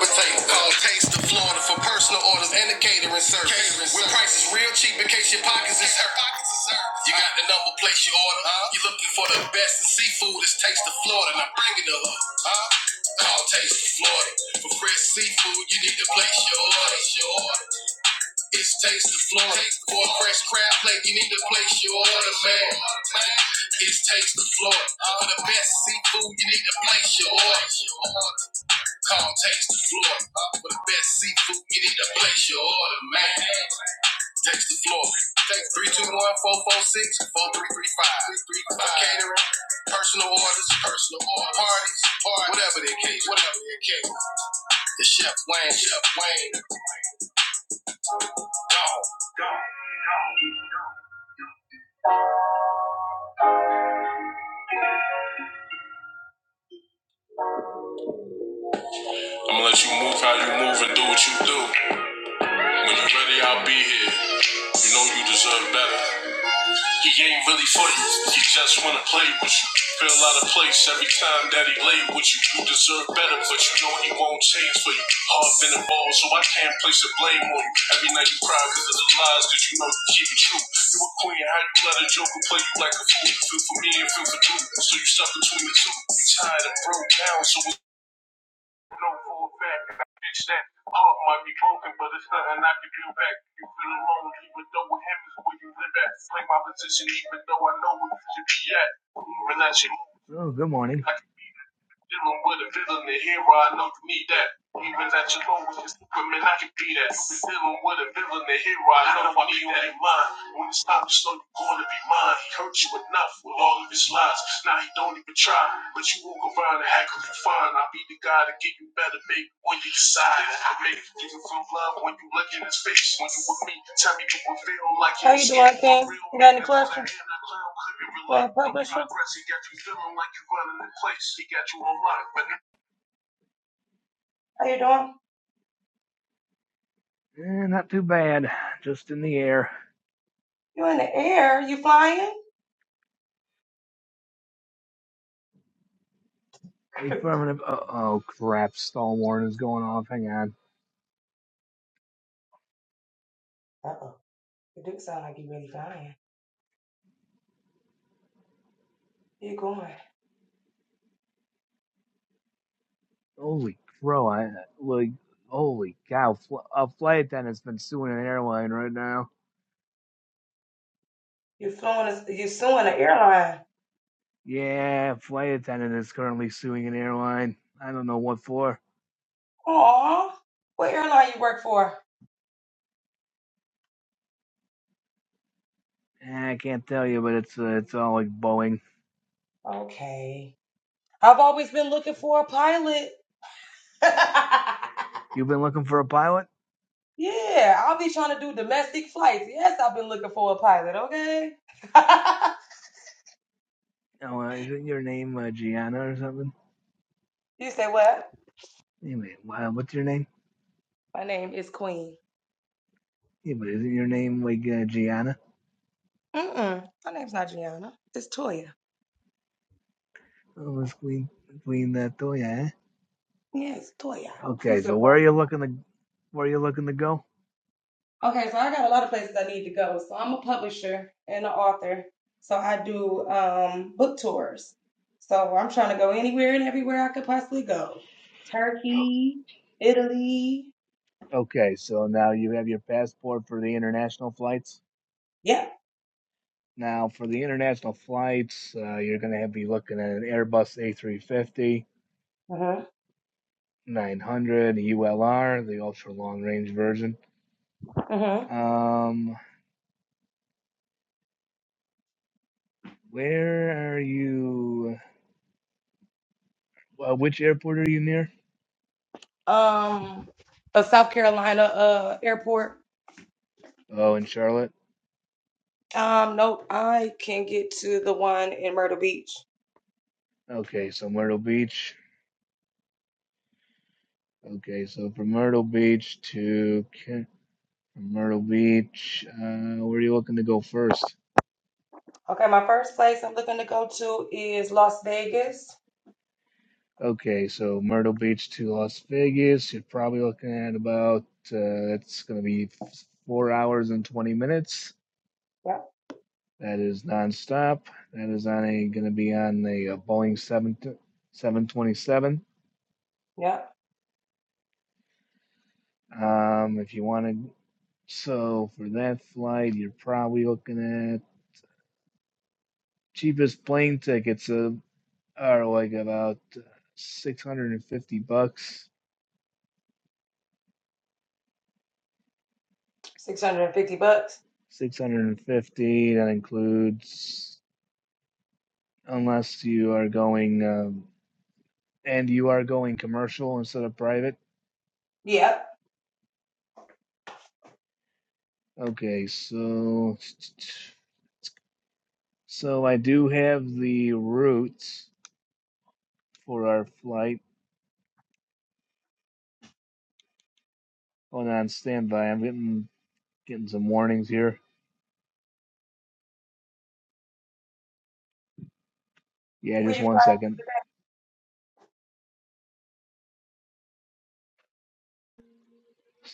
S1: Let's take call Taste of Florida for personal orders and a catering service. Catering service. With prices real cheap in case your pockets. You got the number place your order. Huh? You looking for the best in seafood? It's Taste of Florida. Now bring it up. Huh? Call Taste of Florida for fresh seafood. You need to place your order. Your order. It's Taste the Florida. For a fresh crab plate, you need to place your order, man. It's Taste the Florida. For the best seafood, you need to place your order. Call Taste the Florida. For the best seafood, you need to place your order, man. Taste the Florida. Three, two, one, four, four, six, four, three, three, five. For catering, personal orders, personal order parties, parties, whatever the case, whatever the case. It's Chef Wayne, Chef Wayne, dog. dog. I'ma let you move how you move and do what you do. When you are ready, I'll be here. You know you deserve better. He ain't really for you. He just wanna play with you. Feel out of place every time that he lay with you. You deserve better, but you know he won't change for you. Hard been a ball, so I can't place a blame on you. Every night you cry because of the lies, cause you know you keep it true. You a queen, how you let a joker play you like a fool? Feel for me and feel for you, so you stuck between the two. You tired and broke down, so know for a fact that I bitch that heart might be broken, but it's nothing I can do back. You feel alone, even though with him is where you live at. Play my position, even though I know where you should be at. Even as you move
S4: Oh, good morning.
S1: I can dealing with a villain and hero, I know you need that. Even at your lowest, it's equipment, I can be that. You're with a villain and hero, I know you need that. Mine. When it's time to show you gonna be mine, he hurt you enough with all of his lies. Now he don't even try, but you walk around and hack him for fun. I'll be the guy to get you better, baby, when you decide. I make you give you feel love when you look in his face. When you with me, tell me you will feel like you're real. How you doing, King? You got any questions? Well, publisher. He got you feeling like you running the place. He got you on lock. how you doing?
S4: Eh, not too bad. Just in the air.
S1: You in the air? You flying?
S4: A
S1: (laughs)
S4: Affirmative. Uh oh, crap. Stall warning is going off. Hang on.
S1: Uh oh. You do sound like you really flying. You going?
S4: Holy crow. I, like, holy cow. Fl- a flight attendant's been suing an airline right now.
S1: You flying? You suing an airline?
S4: Yeah, flight attendant is currently suing an airline. I don't know what for.
S1: Aw. What airline you work for?
S4: Eh, I can't tell you, but it's uh, it's all like Boeing.
S1: Okay. I've always been looking for a pilot. (laughs)
S4: You've been looking for a pilot?
S1: yeah, I'll be trying to do domestic flights. Yes, I've been looking for a pilot, okay? (laughs)
S4: Oh, uh, isn't your name uh, Gianna or something?
S1: you say what?
S4: Anyway, wha- what's your name?
S1: My name is Queen.
S4: Yeah, but isn't your name like uh, Gianna?
S1: Mm-mm. My name's not Gianna. It's Toya.
S4: Let's clean clean that door, yeah.
S1: Yes, Toya. You
S4: Okay, so
S1: so
S4: where are
S1: funny.
S4: you looking to where are you looking to go?
S1: Okay, so I got a lot of places I need to go. So I'm a publisher and an author. So I do um, book tours. So I'm trying to go anywhere and everywhere I could possibly go. Turkey, Italy.
S4: Okay, so now you have your passport for the international flights.
S1: Yeah.
S4: Now for the international flights, uh, you're gonna have be looking at an Airbus A350,
S1: Mhm.
S4: 900 ULR, the ultra long range version.
S1: Mhm.
S4: Um, where are you? Well, which airport are you near?
S1: Um, a South Carolina uh airport.
S4: Oh, in Charlotte.
S1: Um, nope, I can get to the one in Myrtle Beach.
S4: Okay, so Myrtle Beach. Okay, so from Myrtle Beach to From Myrtle Beach, uh, where are you looking to go first?
S1: Okay, my first place I'm looking to go to is Las Vegas.
S4: Okay, so Myrtle Beach to Las Vegas, you're probably looking at about, uh, that's going to be four hours and 20 minutes.
S1: Yep.
S4: That is nonstop. That is on a going to be on a, uh Boeing 7, 727.
S1: Yep.
S4: Um, if you want to, so for that flight, you're probably looking at cheapest plane tickets uh, are like about 650 bucks
S1: 650 bucks.
S4: Six hundred and fifty. That includes unless you are going um, and you are going commercial instead of private.
S1: Yep.
S4: Okay, so so I do have the routes for our flight. Hold on standby. I'm getting getting some warnings here. Yeah, just one second.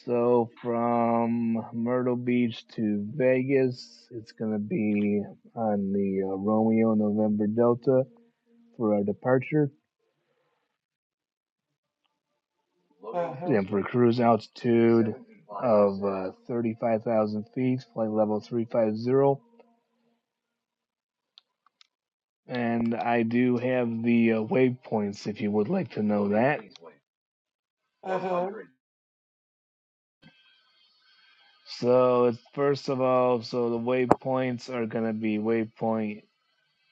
S4: So from Myrtle Beach to Vegas, it's gonna be on the uh, Romeo November Delta for our departure
S1: Mm,
S4: Yeah, for cruise altitude of uh, 35,000 feet, flight level 350. And I do have the uh, waypoints if you would like to know that.
S1: Mm-hmm.
S4: So, it's first of all, so the waypoints are going to be waypoint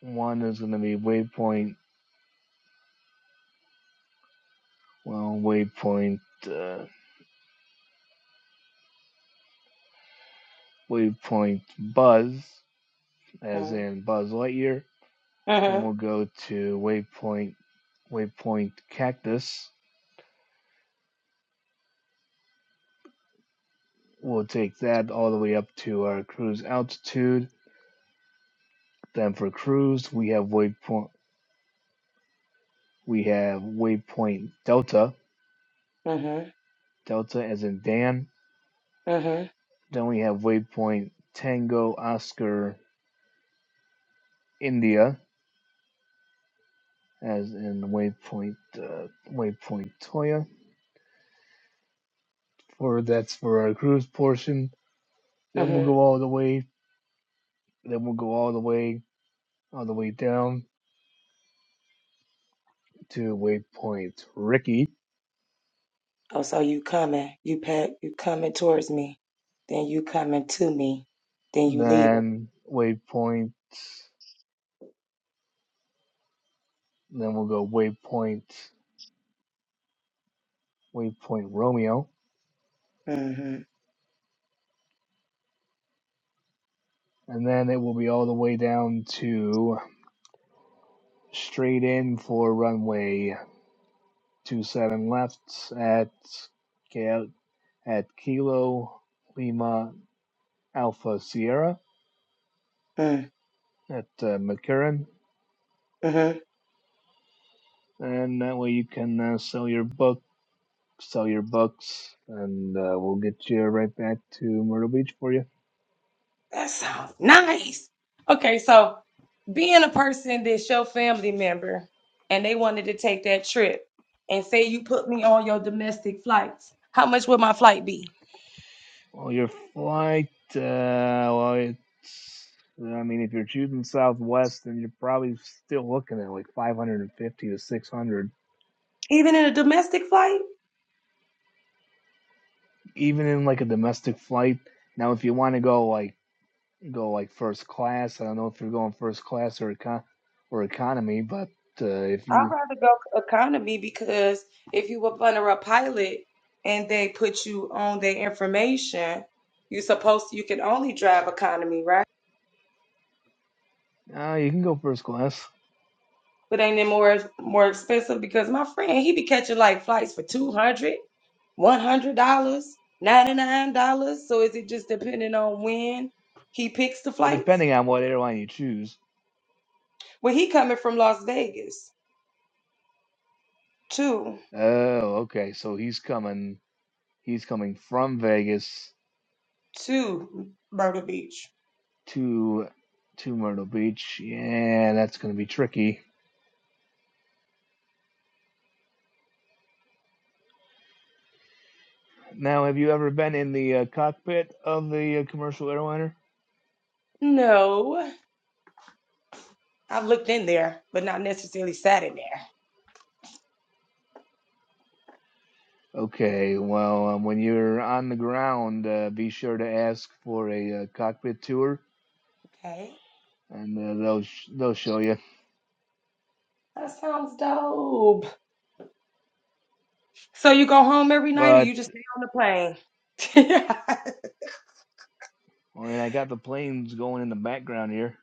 S4: one is going to be waypoint, well, waypoint, uh, waypoint buzz, as
S1: mm,
S4: in Buzz Lightyear. Then
S1: Mm-hmm.
S4: we'll go to waypoint, waypoint cactus We'll take that all the way up to our cruise altitude. Then for cruise, we have waypoint. We have waypoint Delta.
S1: Mm-hmm.
S4: Delta as in Dan.
S1: Mm-hmm.
S4: Then we have waypoint Tango Oscar India as in waypoint uh, waypoint Toya. For that's for our cruise portion. Then we'll
S1: Mm-hmm.
S4: go all the way. Then we'll go all the way all the way down to waypoint Ricky.
S1: Oh, so you coming. You pack you coming towards me. Then you coming to me. Then you leaving.
S4: Then waypoint. Then we'll go waypoint we play Romeo,
S1: Mm-hmm.
S4: and then it will be all the way down to straight in for runway two seven left at at Kilo Lima Alpha Sierra
S1: mm,
S4: at uh, McCurran,
S1: Mm-hmm.
S4: and that way you can uh, sell your book, sell your books, and uh, we'll get you right back to Myrtle Beach for you.
S1: That sounds nice. Okay, so being a person that's your family member and they wanted to take that trip and say you put me on your domestic flights, how much would my flight be?
S4: Well, your flight, uh, well, it's, I mean, if you're shooting southwest, then you're probably still looking at like 550 to 600,
S1: Even in a domestic flight?
S4: even in like a domestic flight. Now, if you want to go like, go like first class, I don't know if you're going first class or econ or economy, but uh, if
S1: I'd
S4: you,
S1: rather go economy because if you were under a pilot and they put you on their information, you supposed you can only drive economy, right?
S4: uh, you can go first class.
S1: but ain't it more more expensive? Because my friend, he be catching like flights for two hundred, one hundred dollars, ninety nine dollars. So is it just depending on when he picks the
S4: Well,
S1: flights?
S4: depending on what airline you choose.
S1: Well, he coming from Las Vegas to
S4: Oh, okay. So he's coming, he's coming from Vegas
S1: to Myrtle Beach.
S4: to to Myrtle Beach. Yeah, that's going to be tricky. Now, have you ever been in the uh, cockpit of the uh, commercial airliner?
S1: No, I've looked in there, but not necessarily sat in
S4: Okay, well, um, when you're on the ground, uh, be sure to ask for a uh, cockpit tour,
S1: there. Okay,
S4: and uh, they'll sh- they'll show you.
S1: that sounds dope. So you go home every night, or
S4: But
S1: you just stay on the plane? (laughs)
S4: I mean, I got the planes going in the background here,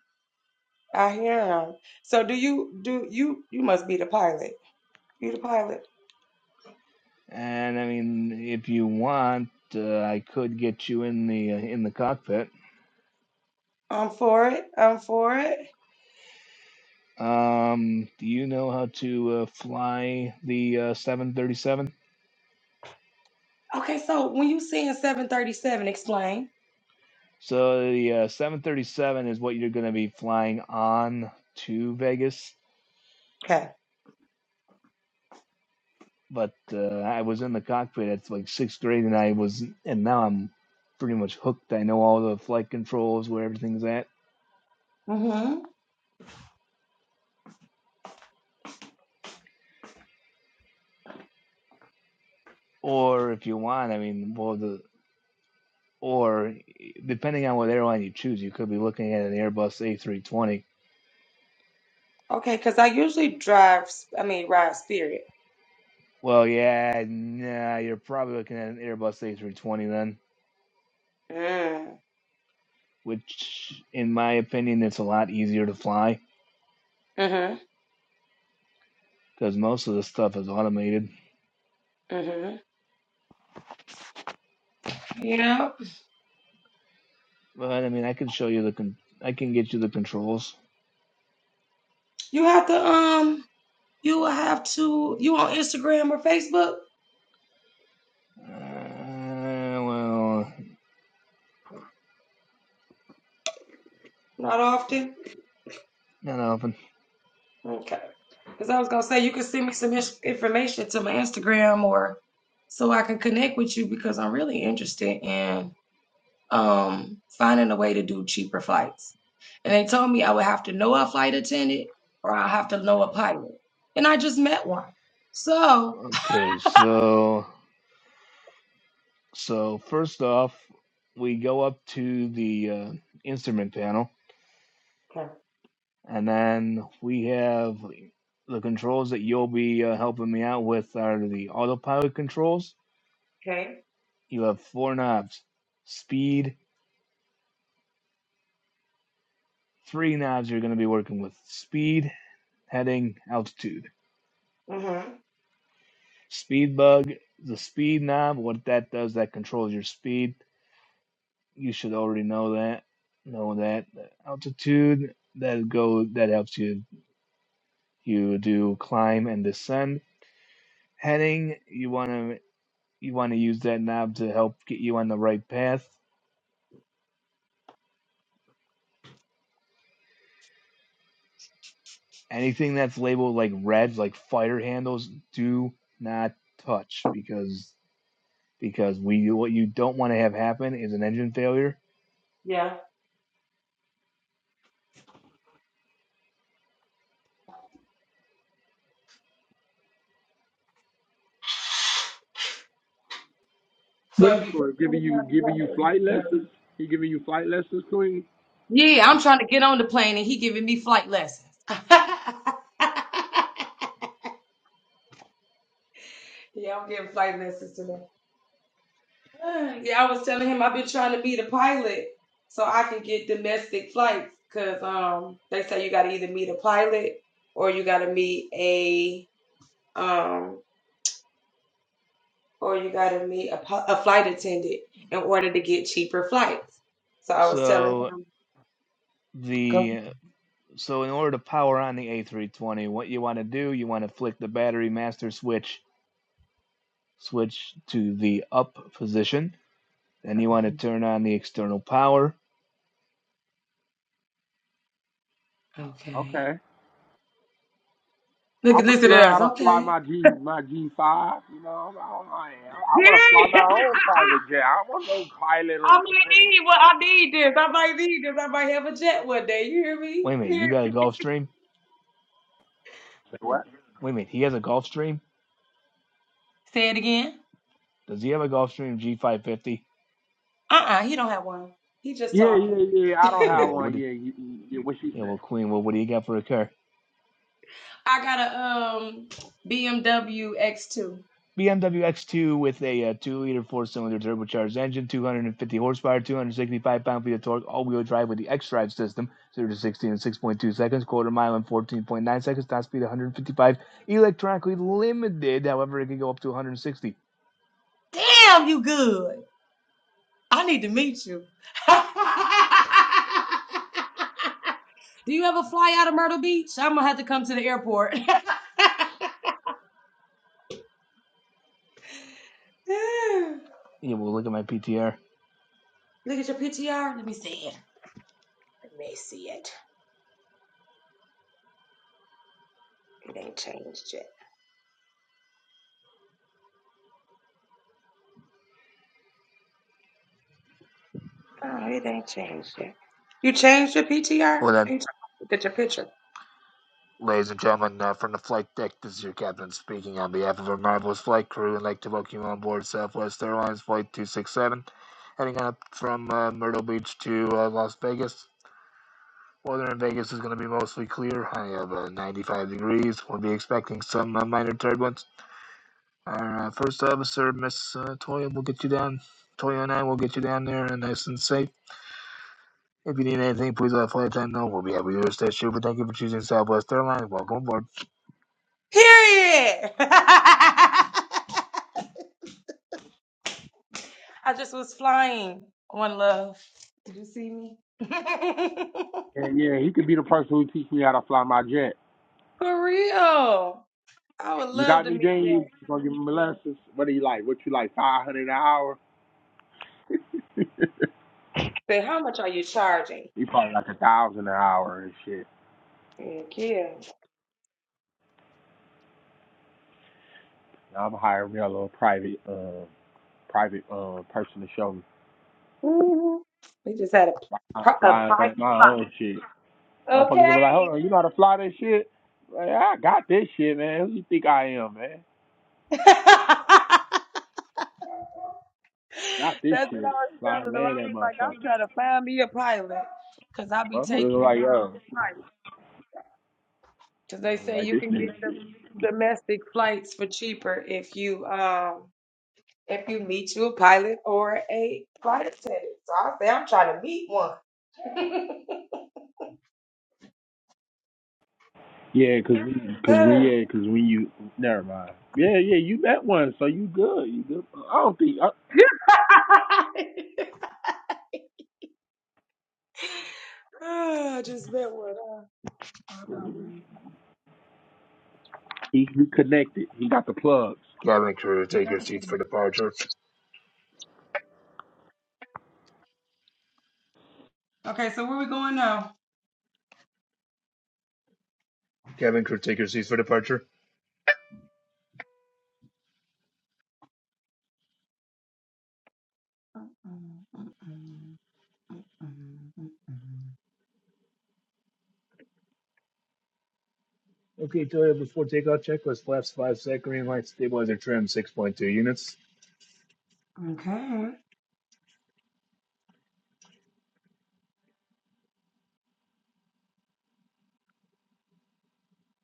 S1: I hear him. So do you do you you must be the pilot? You the pilot.
S4: and I mean, if you want, uh, I could get you in the uh, in the cockpit.
S1: I'm for it. I'm for it.
S4: Um, do you know how to uh, fly the uh, 737?
S1: Okay, so when you seeing 737, explain.
S4: So the uh, 737 is what you're going to be flying on to Vegas.
S1: Okay.
S4: But uh, I was in the cockpit at like sixth grade, and I was, and now I'm pretty much hooked. I know all the flight controls, where everything's at.
S1: Mm-hmm.
S4: Or if you want, I mean, well, the or depending on what airline you choose, you could be looking at an Airbus A320.
S1: Okay, because I usually drive, I mean, ride Spirit.
S4: Well, yeah, nah, you're probably looking at an Airbus A320 then
S1: Mm.
S4: which in my opinion it's a lot easier to fly
S1: Mm-hmm.
S4: because most of the stuff is automated.
S1: Mm-hmm. Yeah.
S4: But I mean, I can show you the con- I can get you the controls.
S1: You have to, um, you will have to, you on Instagram or Facebook?
S4: Uh, well,
S1: Not often.
S4: not often.
S1: Okay. Because I was going to say, you can send me some his- information to my Instagram or so I can connect with you because I'm really interested in. um, finding a way to do cheaper flights. And they told me I would have to know a flight attendant or I'll have to know a pilot. And I just met one. So,
S4: Okay, so so first off, we go up to the uh, instrument panel,
S1: Okay.
S4: and then we have the controls that you'll be uh, helping me out with are the autopilot controls.
S1: Okay.
S4: You have four knobs: speed, Three knobs you're going to be working with speed, heading, altitude. Speed bug, the speed knob, what that does, that controls your speed. You should already know that. Know that. Altitude, that go that helps you you do climb and descend. Heading, you want to you want to use that knob to help get you on the right path. Anything that's labeled like red, like fire handles, do not touch because because we what you don't want to have happen is an engine failure.
S1: Yeah.
S5: What
S1: So
S5: is
S1: if
S5: he
S1: you put
S5: doing?
S1: it
S5: Giving
S1: in
S5: you
S1: the
S5: giving you flight
S1: plane,
S5: lessons? He giving you flight lessons, Queen?
S1: yeah, I'm trying to get on the plane and he giving me flight lessons. (laughs) yeah, I'm getting flight lessons today. (sighs) Yeah, I was telling him I've been trying to be the pilot so I can get domestic flights because um they say you got to either meet a pilot or you got to meet a um. or you got to meet a, pu- a flight attendant in order to get cheaper flights. So I was telling
S4: So
S1: him, go. (laughs)
S4: the so in order to power on the A320, what you want to do, you want to flick the battery master switch switch to the up position, then you want to turn on the external power.
S1: Okay.
S5: Okay.
S1: Look,
S5: I want to
S1: listen to
S5: learn
S1: us.
S5: how to fly
S1: Okay.
S5: my G my G five. You know, I, don't- I, I
S1: Yeah,
S5: want to fly my
S1: (laughs)
S5: own private jet. I want no pilot on
S1: I
S5: the
S1: might
S5: plane.
S1: need what I need this. I might need this. I might have a jet one day. You hear me?
S4: Wait a
S1: You
S4: minute, you
S1: hear-
S4: got a Gulfstream?
S5: Say what?
S4: Wait a minute, he has a Gulfstream?
S1: Say it again.
S4: Does he have a Gulfstream G550?
S1: Uh-uh, he don't have one. He just
S5: Yeah,
S1: talking.
S5: yeah, yeah. I don't
S4: Yeah,
S5: have
S4: well, what?
S5: one.
S4: Did,
S5: Yeah, you, you, yeah. What she
S4: yeah, well,
S5: said.
S4: Queen, well, what do you got for a car?
S1: I got a um BMW X2.
S4: BMW X2 with a, uh two-liter four-cylinder turbocharged engine, 250 horsepower, 265 pound-feet of torque, all-wheel drive with the xDrive system, 0 to 60 in 6.2 seconds, quarter mile in 14.9 seconds, top speed 155, electronically limited. However, it can go up to 160.
S1: Damn, you good. I need to meet you. (laughs) Do you ever fly out of Myrtle Beach? I'm gonna have to come to the airport. (sighs) (laughs)
S4: Yeah, well, look at my PTR.
S1: Look at your PTR. Let me see it.
S4: Well then, ladies and gentlemen, uh, from the flight deck, this is your captain speaking on behalf of our marvelous flight crew. I'd like to welcome you on board Southwest Airlines Flight 267, heading up from uh, Myrtle Beach to uh, Las Vegas. Weather in Vegas is going to be mostly clear. High of uh, 95 degrees. We'll be expecting some uh, minor turbulence. Our uh, first officer, Miss uh, Toya, will get you down. Toya and I will get you down there and nice and safe. If you need anything, please let flight attendant know. We'll be happy to assist you. But thank you for choosing Southwest Airlines. Welcome aboard.
S1: Period. (laughs) I just was flying. One love. Did you see me?
S5: Yeah, yeah. He could be the person who teach me how to fly my jet.
S1: For real. I would
S5: You
S1: love
S5: got
S1: to
S5: me,
S1: meet
S5: then
S1: Jay.
S5: you gonna give him lessons. What do you like? What you like? Five hundred an hour? (laughs) he
S1: Say, how much are you charging?
S5: probably like a thousand an hour and shit.
S1: Thank you.
S5: I'm hiring me a little private. um, private uh person to show me.
S1: Mhm. We just had a,
S5: I'm
S1: pri- a
S5: flying
S1: private.
S5: like my own shit. Motherfuckers will
S1: Okay.
S5: be like, hold on, you know how to fly that shit? Like, I got this shit, man. Who you think I am, man?
S1: (laughs)
S5: Got this
S1: That's what I
S5: shit.
S1: was
S5: Fly
S1: telling
S5: and
S1: them. I
S5: land that
S1: was like, I'm
S5: motherfucker.
S1: trying to find me a pilot because I'll be
S5: Motherfuckers
S1: taking
S5: are like, yo,
S1: um flights. Because they say
S5: like
S1: you
S5: this
S1: can get
S5: nigga.
S1: the
S5: shit.
S1: domestic flights for cheaper if you um if you meet you a pilot or a flight attendant. So I say I'm trying to meet one.
S5: Yeah, cause we, cause we, yeah, cause when you, never mind. Yeah, yeah, you met one, so you good. You good. I don't think I,
S1: Ah, I just met one. huh?
S5: he, he connected. He got the plugs.
S4: Cabin crew, take your seats for departure.
S1: Okay, so where we going now?
S4: Cabin crew, take your seats for departure. Okay, Toya, before takeoff checklist, flaps 5 sec, green light, stabilizer trim 6.2 units.
S1: Okay.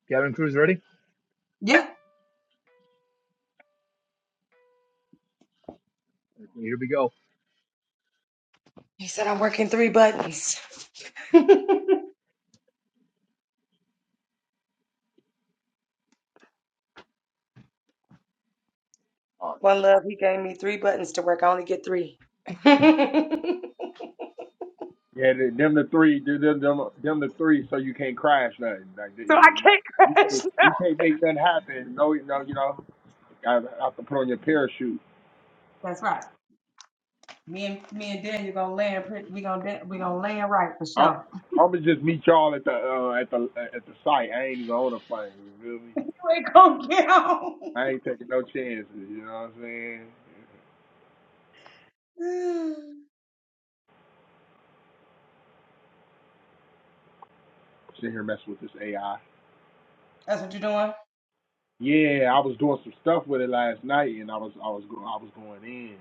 S4: Cabin crew's ready?
S1: Yeah.
S4: Okay, Here we go.
S1: He said I'm working three buttons. One love, he gave me three buttons to work. I only get three. (laughs) so I
S5: Yeah, th- them the three, th- them them them the three, so you can't crash nothing. Like th- yeah, you,
S1: can't
S5: you can't
S1: crash.
S5: you can't make nothing happen. No, no, you know, I have to put on your parachute.
S1: That's right. Me and me and Daniel gonna land. pretty- We gonna da- we gonna land right for
S5: I'm
S1: sure.
S5: I'm gonna just meet y'all at the uh, at the at the site. I ain't even on a plane. You feel me?
S1: You ain't gonna get on.
S5: I ain't taking no chances. You know what I'm saying? Sitting here messing with this AI.
S1: That's what you're doing.
S5: Yeah, I was doing some stuff with it last night, and I was I was go- I was going in.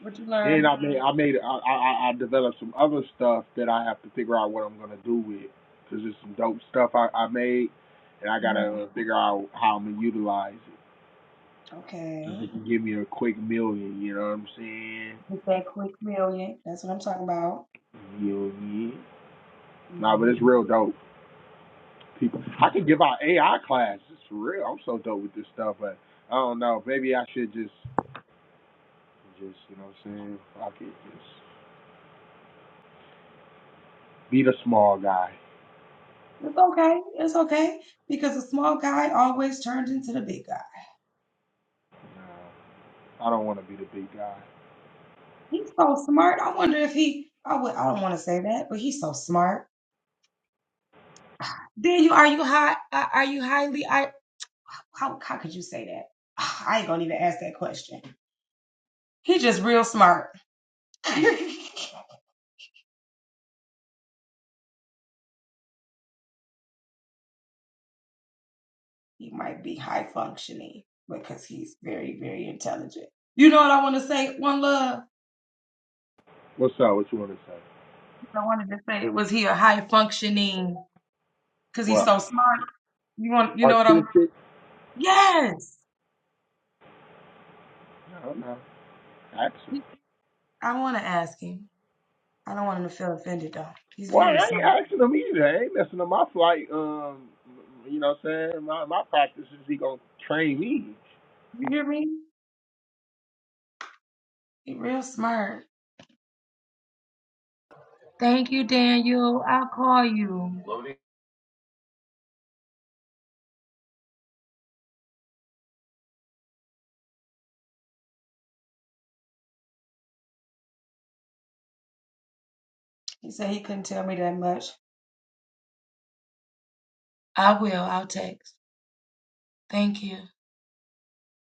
S1: What you
S5: Then I made I made I, I I developed some other stuff that I have to figure out what I'm gonna do with because there's some dope stuff I, I made and I gotta uh, figure out how I'm gonna utilize it. Since it can give me a quick million, you know what I'm saying? Million. Nah, but it's real dope. People, I could give out AI classes. It's real. I'm so dope with this stuff, but I don't know. Maybe I should just just you know what I'm saying? Fuck it, just be the small guy.
S1: It's okay. It's okay. Because the small guy always turns into the big guy.
S5: Nah, I don't want to be the big guy.
S1: He's so smart. I wonder if he I would I don't want to say that, but he's so smart. (sighs) Then you are you high uh, are you highly I how how could you say that? (sighs) Ah, I ain't gonna even ask that question. He's just real smart. (laughs) he might be high functioning because he's very, very intelligent. You know what I want to say? One love.
S5: What's up? What you want to say?
S1: I wanted to say was he a high functioning because he's
S5: What?
S1: so smart. You want you know what I'm
S5: Artistic?
S1: yes.
S5: No, no. Action.
S1: He- I want to ask him. I don't want him to feel offended though. He's
S5: Well, I
S1: very smart.
S5: ain't asking them either. I ain't messing up my flight. Um, you know what I'm saying? My my practice is he gonna train me.
S1: You hear me? He real smart. Thank you, Daniel. I'll call you. He said he couldn't tell me that much. I will. I'll text. Thank you.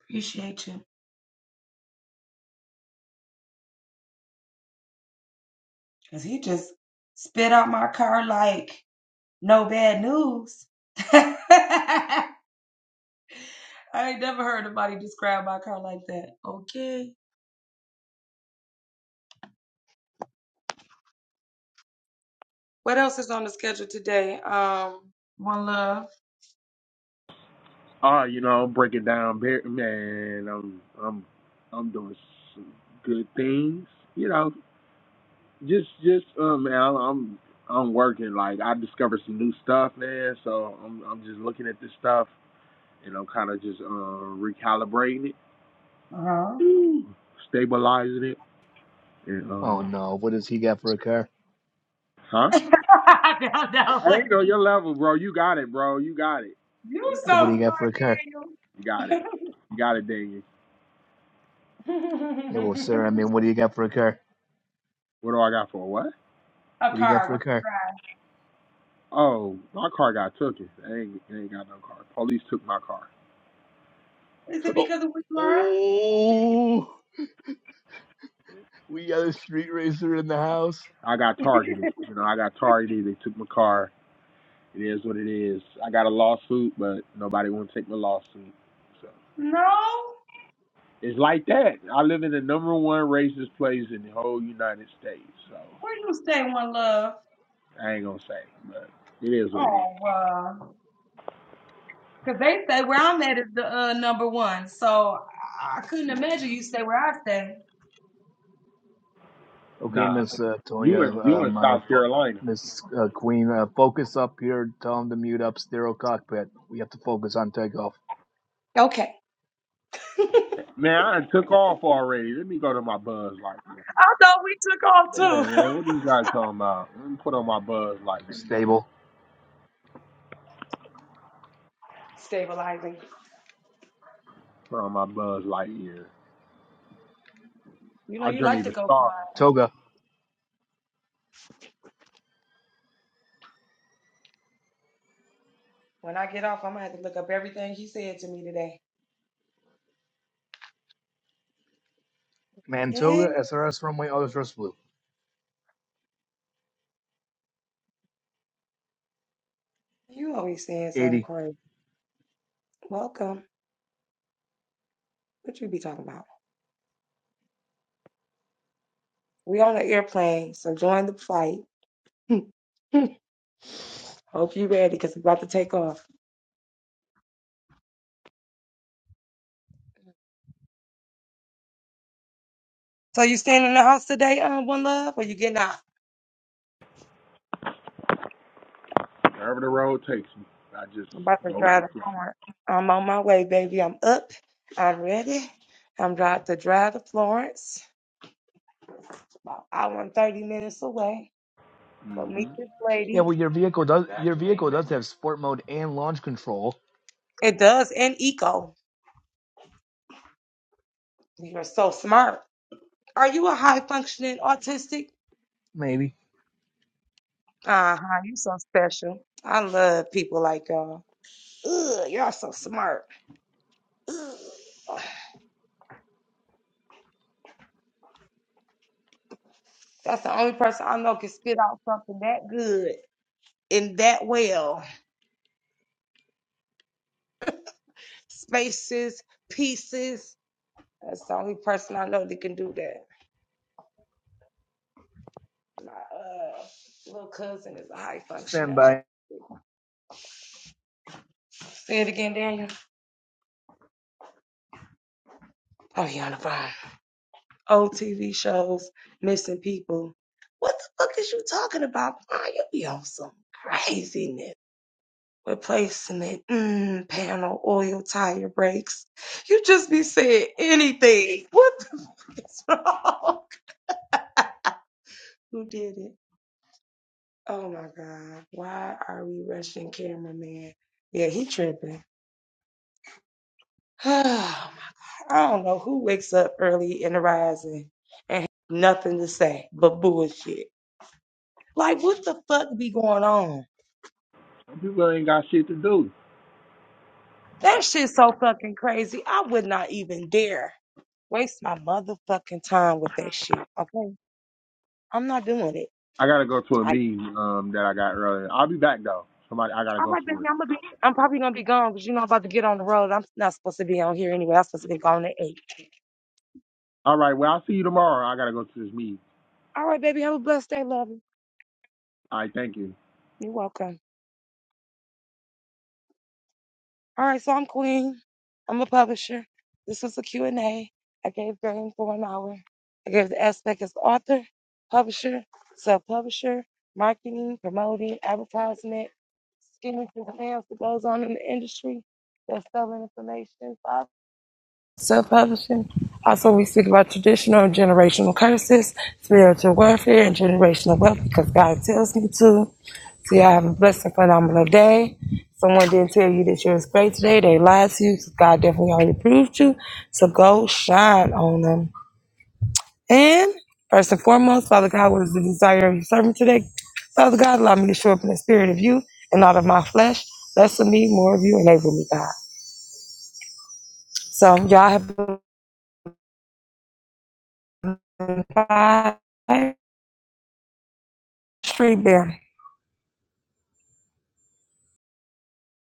S1: Appreciate you. Cause he just spit out my car like no bad news. (laughs) I ain't never heard nobody describe my car like that. Okay. What else is on the schedule today? Um, one love.
S5: Oh, you know, break it down, man. I'm I'm I'm doing some good things. You know, just just um, man, I'm I'm I'm working. Like I discovered some new stuff, man. So I'm I'm just looking at this stuff and I'm kind of just uh, recalibrating it,
S1: Uh huh.
S5: Ooh. stabilizing it, and um,
S4: Oh no, what does he got for a car?
S5: Huh? Hey, you know your level, bro. You got it, bro. You got it.
S1: You
S5: You
S4: Well,
S5: got
S4: what
S5: it.
S4: do
S1: so smart,
S4: you got for a car?
S1: Daniel.
S5: You got it. You got it, Daniel.
S1: (laughs) a
S4: Yeah, well, sir, I mean, what do you got for a car?
S5: What do I got for a what?
S4: What do you got
S1: car.
S4: for a
S1: What do you
S4: car?
S1: drive?
S5: Oh, my car got took it. I ain't, I ain't got no car. Police took my car.
S1: Is it
S4: Oh,
S1: because of what you are?
S4: oh, we got a street racer in the
S5: I,
S4: house.
S5: I got targeted. You know, I got targeted. They took my car. It is what it is. I got a lawsuit, but nobody want to take my lawsuit. So
S1: Mm.
S5: it's like that. I live in the number one racist place in the whole United States. So I ain't gonna say, but it is what it is.
S4: Okay,
S5: Nah.
S4: Miss uh,
S5: You in
S4: Toya,
S5: you in
S4: um, uh,
S5: South
S4: fo-
S5: Carolina.
S4: Miss uh, Queen, uh, focus up here. Tell them to mute up sterile cockpit. We have to focus on takeoff.
S1: Okay.
S5: Man, I done took off already. Let me go to my buzz lightyear.
S1: I thought we took off
S5: Yeah,
S1: too.
S5: man, what this guy talking about? Let me put on my buzz lightyear.
S4: Stable.
S1: (laughs) Stabilizing.
S5: Put on my buzz lightyear. here.
S1: You know
S5: I
S1: you
S5: journey
S1: like to
S5: to
S1: go far.
S5: stars.
S4: Toga.
S1: When I get off, I'm gonna have to look up everything you said to me today. Hey,
S4: Mantoga, SRS runway, auto thrust blue.
S1: you always saying something
S4: 80.
S1: crazy. Welcome. What you be talking about? We on the airplane, so join the flight. (laughs) Hope you ready, cause we about to take off. So you staying in the house today, um, one love, or you getting out?
S5: Wherever the road takes me, I just
S1: I'm about to
S5: go with the
S1: drive to
S5: flow.
S1: Florence. I'm on my way, baby. I'm up. I'm ready. I'm about to drive to Florence, about hour and 30 minutes away. Go meet
S5: Mm-hmm.
S1: this
S4: Yeah,
S1: lady.
S4: well, your vehicle does your vehicle does have sport mode and launch control.
S1: It does and eco. You're so smart. Are you a high functioning autistic?
S4: Maybe.
S1: Uh huh. You're so special. I love people like y'all. Ugh, y'all so smart. Ugh. That's the only person I know can spit out something that good and that well. Spaces, pieces. That's the only person I know that can do that. My uh, little cousin is a high functioning
S4: Standby.
S1: artist. Say it again, Daniel. Oh, you on the phone. Old TV shows, missing people. What the fuck is you talking about? Ma, you be on some craziness. Replacement, mm, panel, oil, tire brakes. You just be saying anything. What the fuck is (laughs) wrong? Who did it? Oh my God. Why are we rushing cameraman? Yeah, he tripping. (sighs) Oh my God. I don't know who wakes up early in the rising and has nothing to say but bullshit. Like, what the fuck be going on?
S5: People ain't got shit to do.
S1: That shit's so fucking crazy. I would not even dare waste my motherfucking time with that shit. Okay, I'm not doing it.
S5: I gotta go to a
S1: I,
S5: meeting um, that I got earlier. I'll be back though. Somebody, I gotta
S1: I'm
S5: go
S1: like, baby,
S5: somewhere.
S1: I'm gonna be, I'm probably gonna be gone because you know I'm about to get on the road. I'm not supposed to be on here anyway. I'm supposed to be gone at eight.
S5: All right. Well, I'll see you tomorrow. I gotta go to this meeting.
S1: All right, baby, have a blessed day, love.
S5: All right. Thank you.
S1: You're welcome. All right, so I'm Queen. I'm a publisher. This was a Q&A. I gave game for an hour. I gave the aspect as author, publisher, self-publisher, marketing, promoting, advertisement, skimming through the mail that goes on in the industry, That's selling information, self-publishing. Also, we speak about traditional and generational curses, spiritual warfare, and generational wealth because God tells me to. So y'all have a blessed and phenomenal day. Someone didn't tell you that you're great today. They lied to you. so God definitely already proved you. So go shine on them. And first and foremost, Father God, what is the desire of your servant today? Father God, allow me to show up in the spirit of you and not of my flesh. Bless me, more of you. Enable me, God. So y'all have been five, street bear.